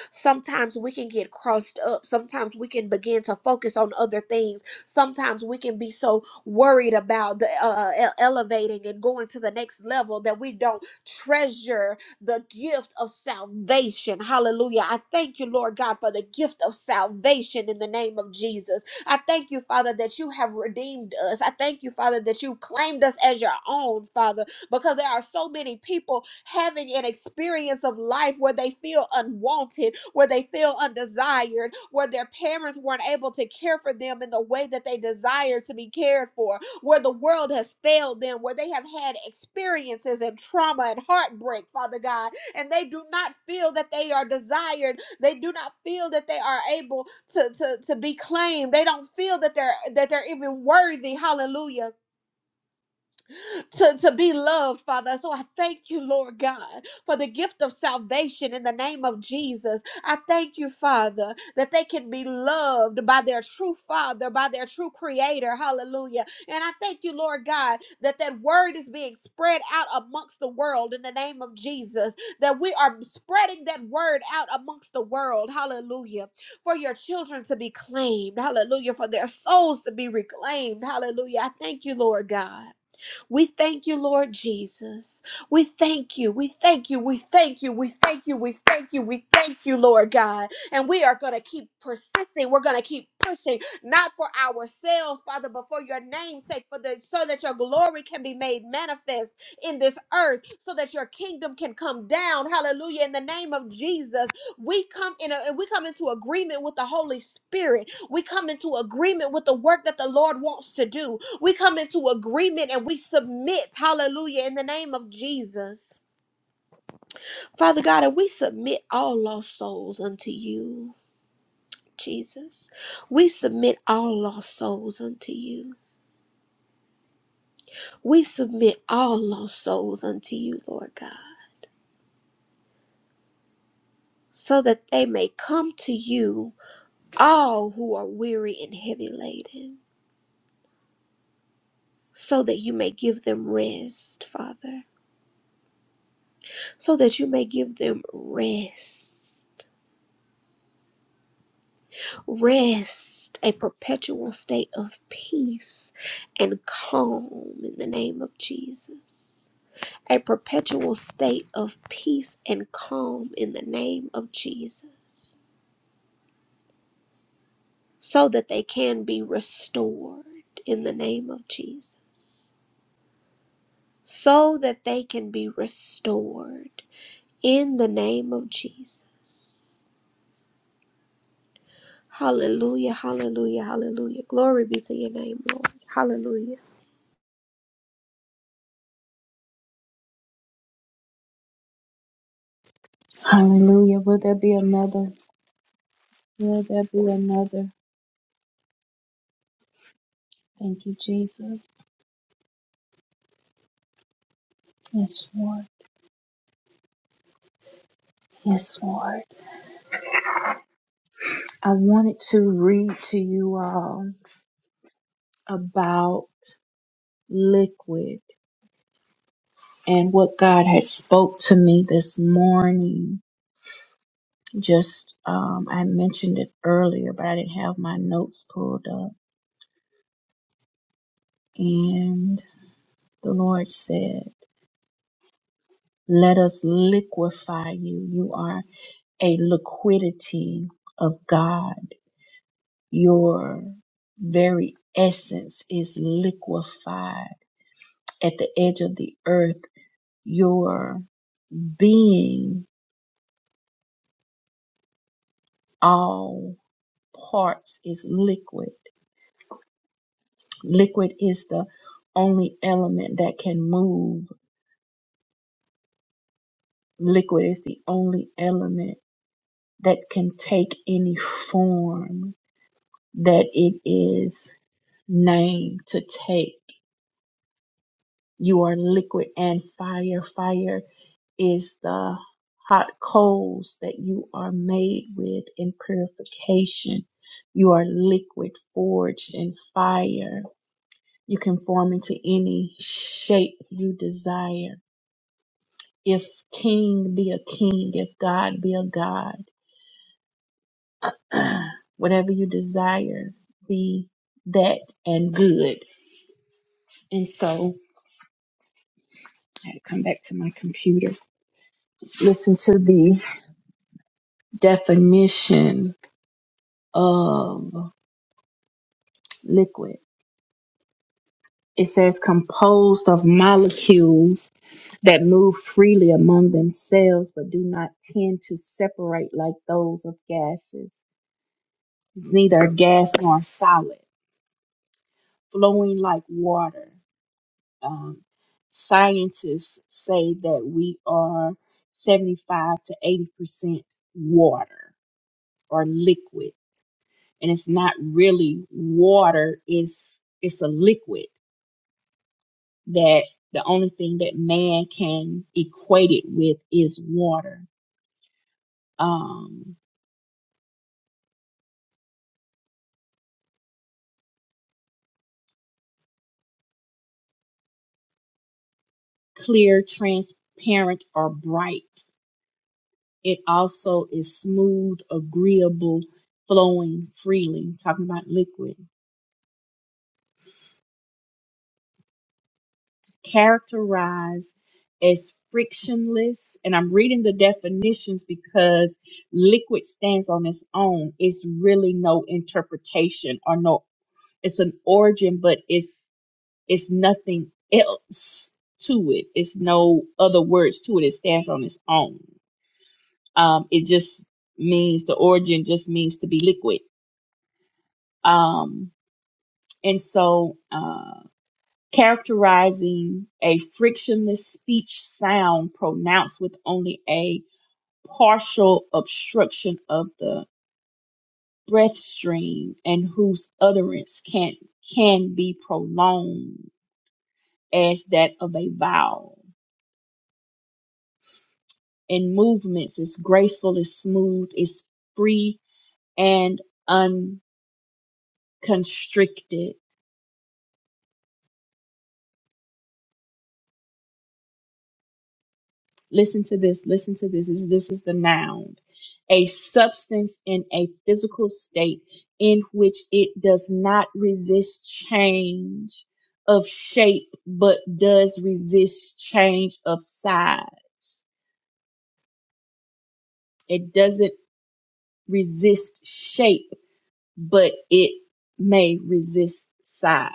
S4: Sometimes we can get crossed up. Sometimes we can begin to focus on other things. Sometimes we can be so worried about the uh, e- elevating and going to the next level that we don't treasure the gift of salvation. Hallelujah. I thank you, Lord God, for the gift of salvation in the name of Jesus. I thank you, Father, that you have redeemed us. I thank you, Father, that you've claimed us as your own, Father because there are so many people having an experience of life where they feel unwanted, where they feel undesired, where their parents weren't able to care for them in the way that they desired to be cared for, where the world has failed them, where they have had experiences and trauma and heartbreak, Father God, and they do not feel that they are desired. They do not feel that they are able to, to, to be claimed. They don't feel that they're that they're even worthy. Hallelujah to, to be loved, Father. So I thank you, Lord God, for the gift of salvation in the name of Jesus. I thank you, Father, that they can be loved by their true Father, by their true Creator. Hallelujah. And I thank you, Lord God, that that word is being spread out amongst the world in the name of Jesus, that we are spreading that word out amongst the world. Hallelujah. For your children to be claimed. Hallelujah. For their souls to be reclaimed. Hallelujah. I thank you, Lord God. We thank you, Lord Jesus. We thank you. We thank you. We thank you. We thank you. We thank you. We thank you, Lord God. And we are going to keep persisting. We're going to keep pushing, not for ourselves, Father, but for your name's sake, for the, so that your glory can be made manifest in this earth, so that your kingdom can come down. Hallelujah. In the name of Jesus, we come in a, we come into agreement with the Holy Spirit. We come into agreement with the work that the Lord wants to do. We come into agreement and we submit, hallelujah, in the name of Jesus. Father God, and we submit all lost souls unto you, Jesus. We submit all lost souls unto you. We submit all lost souls unto you, Lord God, so that they may come to you, all who are weary and heavy laden. So that you may give them rest, Father. So that you may give them rest. rest, a perpetual state of peace and calm in the name of Jesus. A perpetual state of peace and calm in the name of Jesus, so that they can be restored in the name of Jesus, so that they can be restored in the name of Jesus. Hallelujah, hallelujah, hallelujah. Glory be to your name, Lord. Hallelujah.
S1: Hallelujah. Will there be another? Will there be another? Thank you, Jesus. Yes, Lord. Yes, Lord. I wanted to read to you all about liquid and what God has spoke to me this morning. Just um, I mentioned it earlier, but I didn't have my notes pulled up And the Lord said, Let us liquefy you. You are a liquidity of God. Your very essence is liquefied at the edge of the earth. Your being, all parts, is liquid. Liquid is the only element that can move, liquid is the only element that can take any form that it is named to take. You are liquid and fire. Fire is the hot coals that you are made with in purification. You are liquid forged in fire. You can form into any shape you desire. If king be a king, if God be a God, (clears throat) whatever you desire, be that and good. And so I had to come back to my computer. Listen to the definition of liquid. It says composed of molecules that move freely among themselves but do not tend to separate like those of gases. It's neither a gas nor a solid, flowing like water. Um, scientists say that we are 75 to 80% water or liquid and it's not really water it's it's a liquid that the only thing that man can equate it with is water um clear transparent or bright it also is smooth agreeable flowing freely talking about liquid characterized as frictionless and i'm reading the definitions because liquid stands on its own. It's really no interpretation or no It's an origin, but it's it's nothing else to it. It's no other words to it. It stands on its own. Um, it just means the origin just means to be liquid. Um, and so uh, characterizing a frictionless speech sound pronounced with only a partial obstruction of the breath stream and whose utterance can can be prolonged as that of a vowel in movements. It's graceful, it's smooth, it's free and unconstricted. Listen to this, listen to this. This, this is the noun. A substance in a physical state in which it does not resist change of shape, but does resist change of size. It doesn't resist shape, but it may resist size.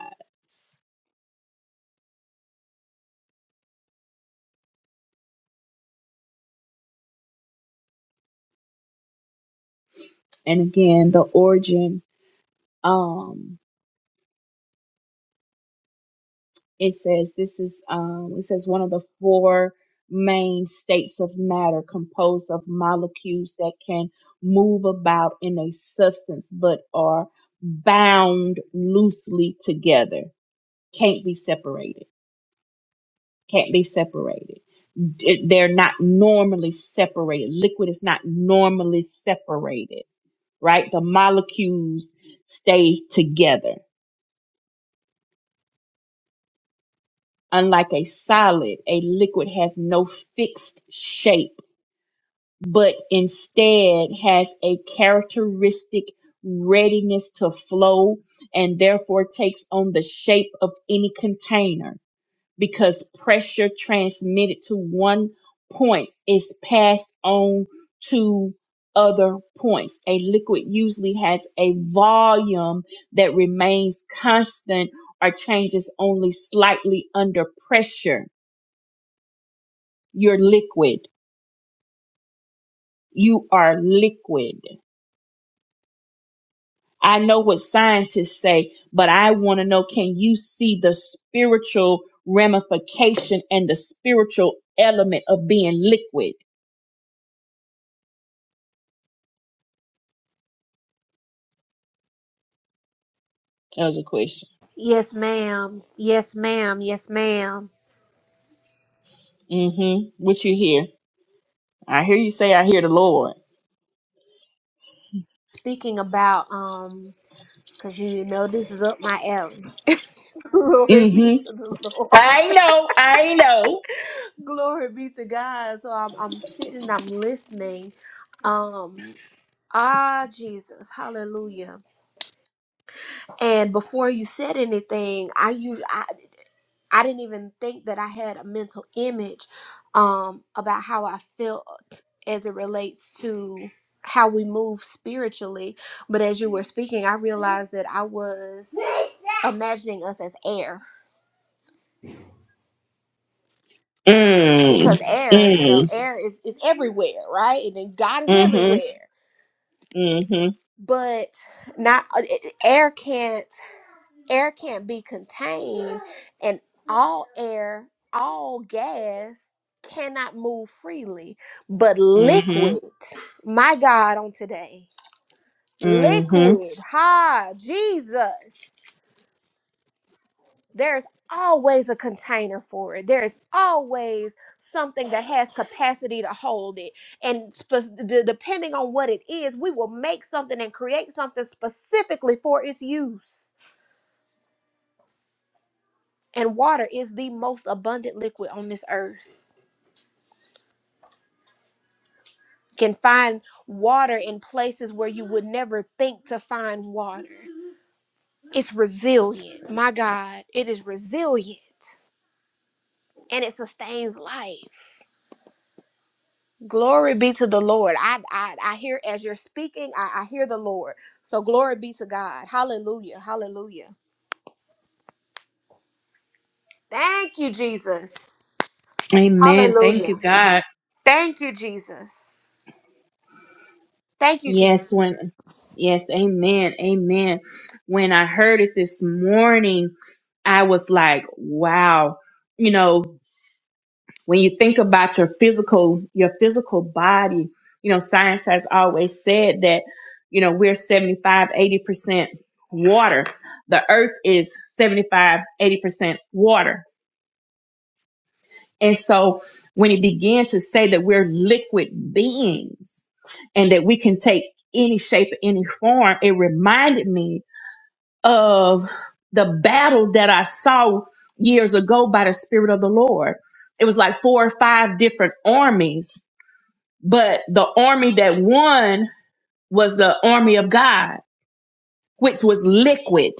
S1: and again the origin um it says this is um it says one of the four main states of matter composed of molecules that can move about in a substance but are bound loosely together can't be separated can't be separated D- they're not normally separated liquid is not normally separated right the molecules stay together Unlike a solid, a liquid has no fixed shape, but instead has a characteristic readiness to flow and therefore takes on the shape of any container because pressure transmitted to one point is passed on to other points. A liquid usually has a volume that remains constant or changes only slightly under pressure you're liquid. You are liquid. I know what scientists say, but I want to know can you see the spiritual ramification and the spiritual element of being liquid? That was a question.
S4: Yes, ma'am. Yes, ma'am. Yes, ma'am.
S1: Mm-hmm. What you hear? I hear you say, I hear the Lord.
S4: Speaking about um, cause you know this is up my alley. (laughs) Glory be
S1: Mm-hmm.
S4: to the Lord.
S1: I know. I know.
S4: (laughs) Glory be to God. So I'm I'm sitting, I'm listening. Um, ah, Jesus, Hallelujah. And before you said anything, I use. I didn't even think that I had a mental image um, about how I felt as it relates to how we move spiritually. But as you were speaking, I realized that I was imagining us as air because
S1: Mm.
S4: air, you know,
S1: Mm.
S4: air is, is everywhere, right? And then God is
S1: Mm-hmm.
S4: everywhere.
S1: Mm-hmm.
S4: But not uh, it- air can't. air can't be contained and all air all gas cannot move freely but
S1: Mm-hmm.
S4: liquid my god on today
S1: Mm-hmm.
S4: liquid ha jesus there's always a container for it there's always something that has capacity to hold it and spe- de- depending on what it is we will make something and create something specifically for its use And water is the most abundant liquid on this earth. Can find water in places where you would never think to find water. It's resilient. My God, it is resilient and it sustains life. Glory be to the Lord. I I, I hear as you're speaking, I, I hear the Lord. So glory be to God. Hallelujah. Hallelujah. Thank you, Jesus. Hallelujah. Thank you, Jesus. Thank you,
S1: Yes,
S4: Jesus.
S1: when yes, amen, amen. When I heard it this morning, I was like, wow. You know, when you think about your physical, your physical body, you know, science has always said that, you know, we're seventy-five, eighty percent water. The earth is seventy-five, eighty percent water and so when it began to say that we're liquid beings and that we can take any shape, any form, it reminded me of the battle that I saw years ago by the Spirit of the Lord. It was like four or five different armies, but the army that won was the army of God, which was liquid.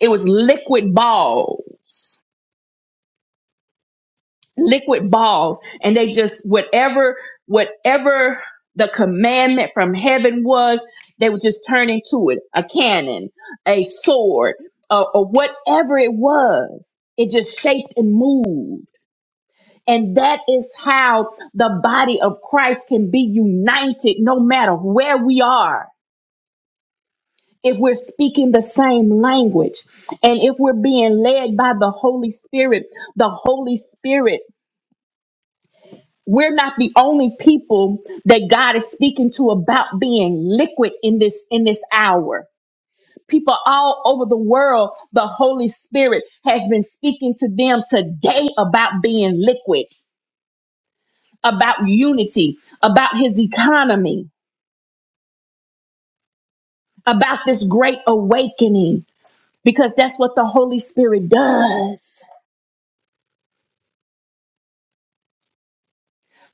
S1: It was liquid balls. liquid balls and they just whatever whatever the commandment from heaven was they would just turn into it a cannon a sword or, or whatever it was it just shaped and moved and that is how the body of christ can be united no matter where we are if we're speaking the same language and if we're being led by the holy spirit the holy spirit we're not the only people that God is speaking to about being liquid in this in this hour. People all over the world, the Holy Spirit has been speaking to them today about being liquid, about unity, about his economy, about this great awakening because that's what the Holy Spirit does.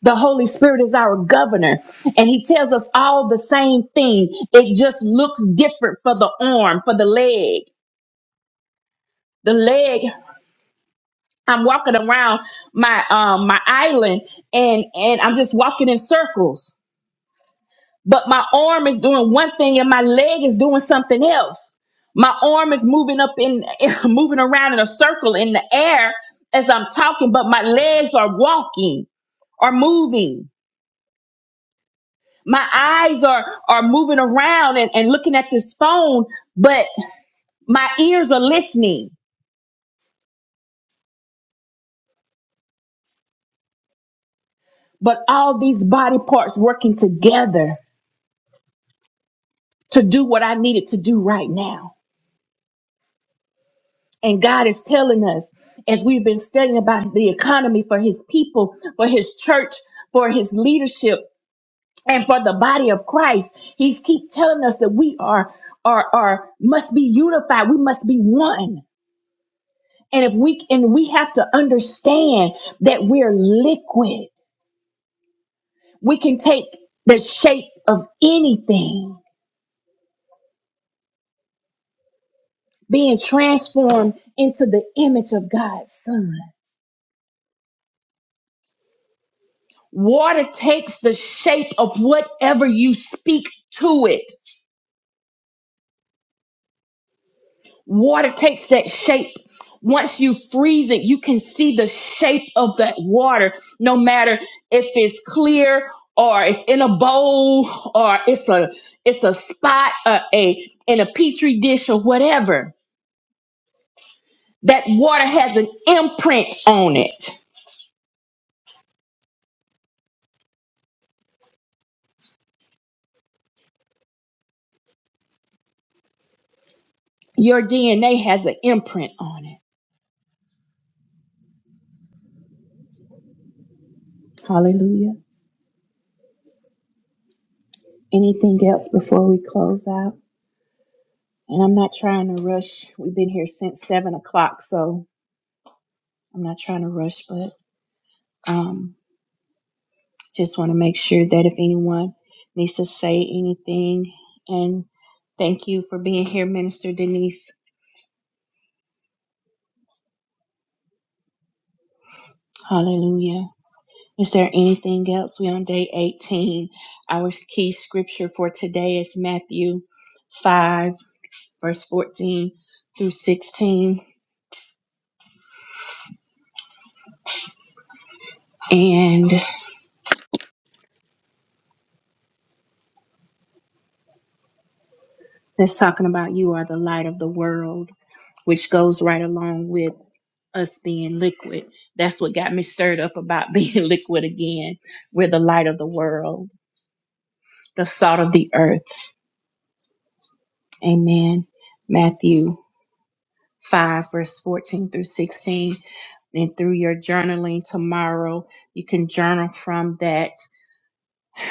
S1: The Holy Spirit is our governor, and He tells us all the same thing. It just looks different for the arm, for the leg. the leg i'm walking around my um my island and and i'm just walking in circles but my arm is doing one thing and my leg is doing something else my arm is moving up in (laughs) moving around in a circle in the air as i'm talking but my legs are walking are moving my eyes are are moving around and, and looking at this phone but my ears are listening but all these body parts working together to do what I needed to do right now. And God is telling us, as we've been studying about the economy for His people, for His church, for His leadership, and for the body of Christ, He's keep telling us that we are are are must be unified. We must be one. And if we and we have to understand that we're liquid, we can take the shape of anything, being transformed into the image of God's Son Water takes the shape of whatever you speak to it. Water takes that shape. Once you freeze it, you can see the shape of that water, no matter if it's clear or it's in a bowl or it's a it's a spot uh, a in a petri dish or whatever. That water has an imprint on it. Your DNA has an imprint on it. Hallelujah. Anything else before we close out? And I'm not trying to rush. We've been here since seven o'clock, so I'm not trying to rush, but um, just want to make sure that if anyone needs to say anything, and thank you for being here, Minister Denise. Hallelujah. Is there anything else? We're on day 18. Our key scripture for today is Matthew 5, verse 14 through 16. And it's talking about you are the light of the world, which goes right along with. us being liquid. That's what got me stirred up about being (laughs) liquid again. We're the light of the world, the salt of the earth. Amen. Matthew 5, verse 14 through 16. And through your journaling tomorrow, you can journal from that,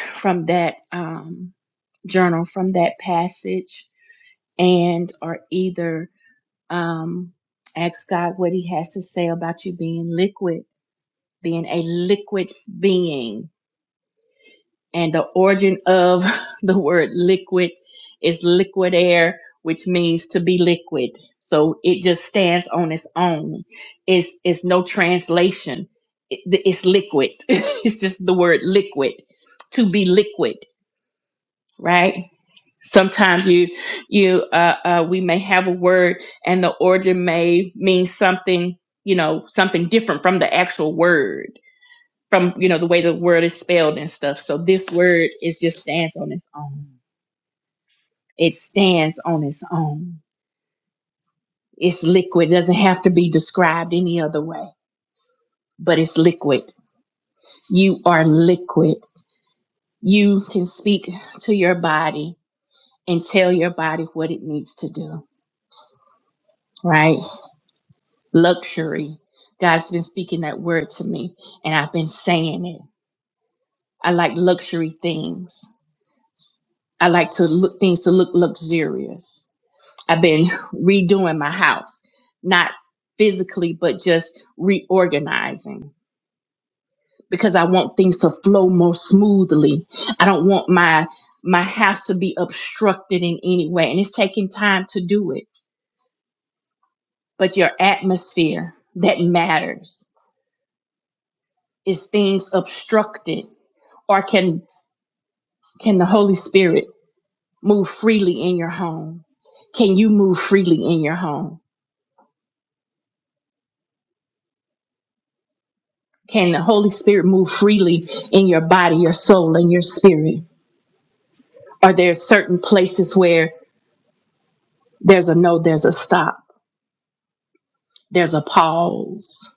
S1: from that, um, journal from that passage and or either um, ask god what he has to say about you being liquid being a liquid being And the origin of (laughs) the word liquid is liquid air, which means to be liquid. So it just stands on its own. It's it's no translation. It- it's liquid. (laughs) it's just the word liquid to be liquid, right? Sometimes you you uh, uh, we may have a word and the origin may mean something you know something different from the actual word from you know the way the word is spelled and stuff. So this word is just stands on its own. It stands on its own. It's liquid. It doesn't have to be described any other way, but it's liquid. You are liquid. You can speak to your body and tell your body what it needs to do, right? Luxury. God's been speaking that word to me and I've been saying it. I like luxury things. I like to look things to look luxurious. I've been redoing my house, not physically, but just reorganizing because I want things to flow more smoothly. I don't want my my house to be obstructed in any way, and it's taking time to do it. But your atmosphere that matters is things obstructed, or can can the Holy Spirit move freely in your home? Can you move freely in your home? Can the Holy Spirit move freely in your body, your soul, and your spirit? Are there certain places where there's a no, there's a stop, there's a pause?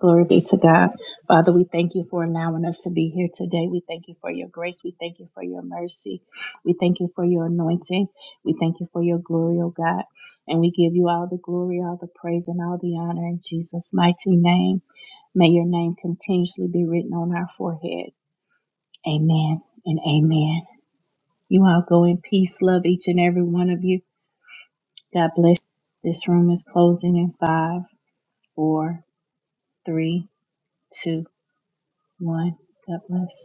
S1: Glory be to God. Father, we thank you for allowing us to be here today. We thank you for your grace. We thank you for your mercy. We thank you for your anointing. We thank you for your glory, oh God. And we give you all the glory, all the praise, and all the honor in Jesus' mighty name. May your name continuously be written on our forehead. Amen and amen. You all go in peace. Love each and every one of you. God bless. This room is closing in five, four, three, two, one. God bless.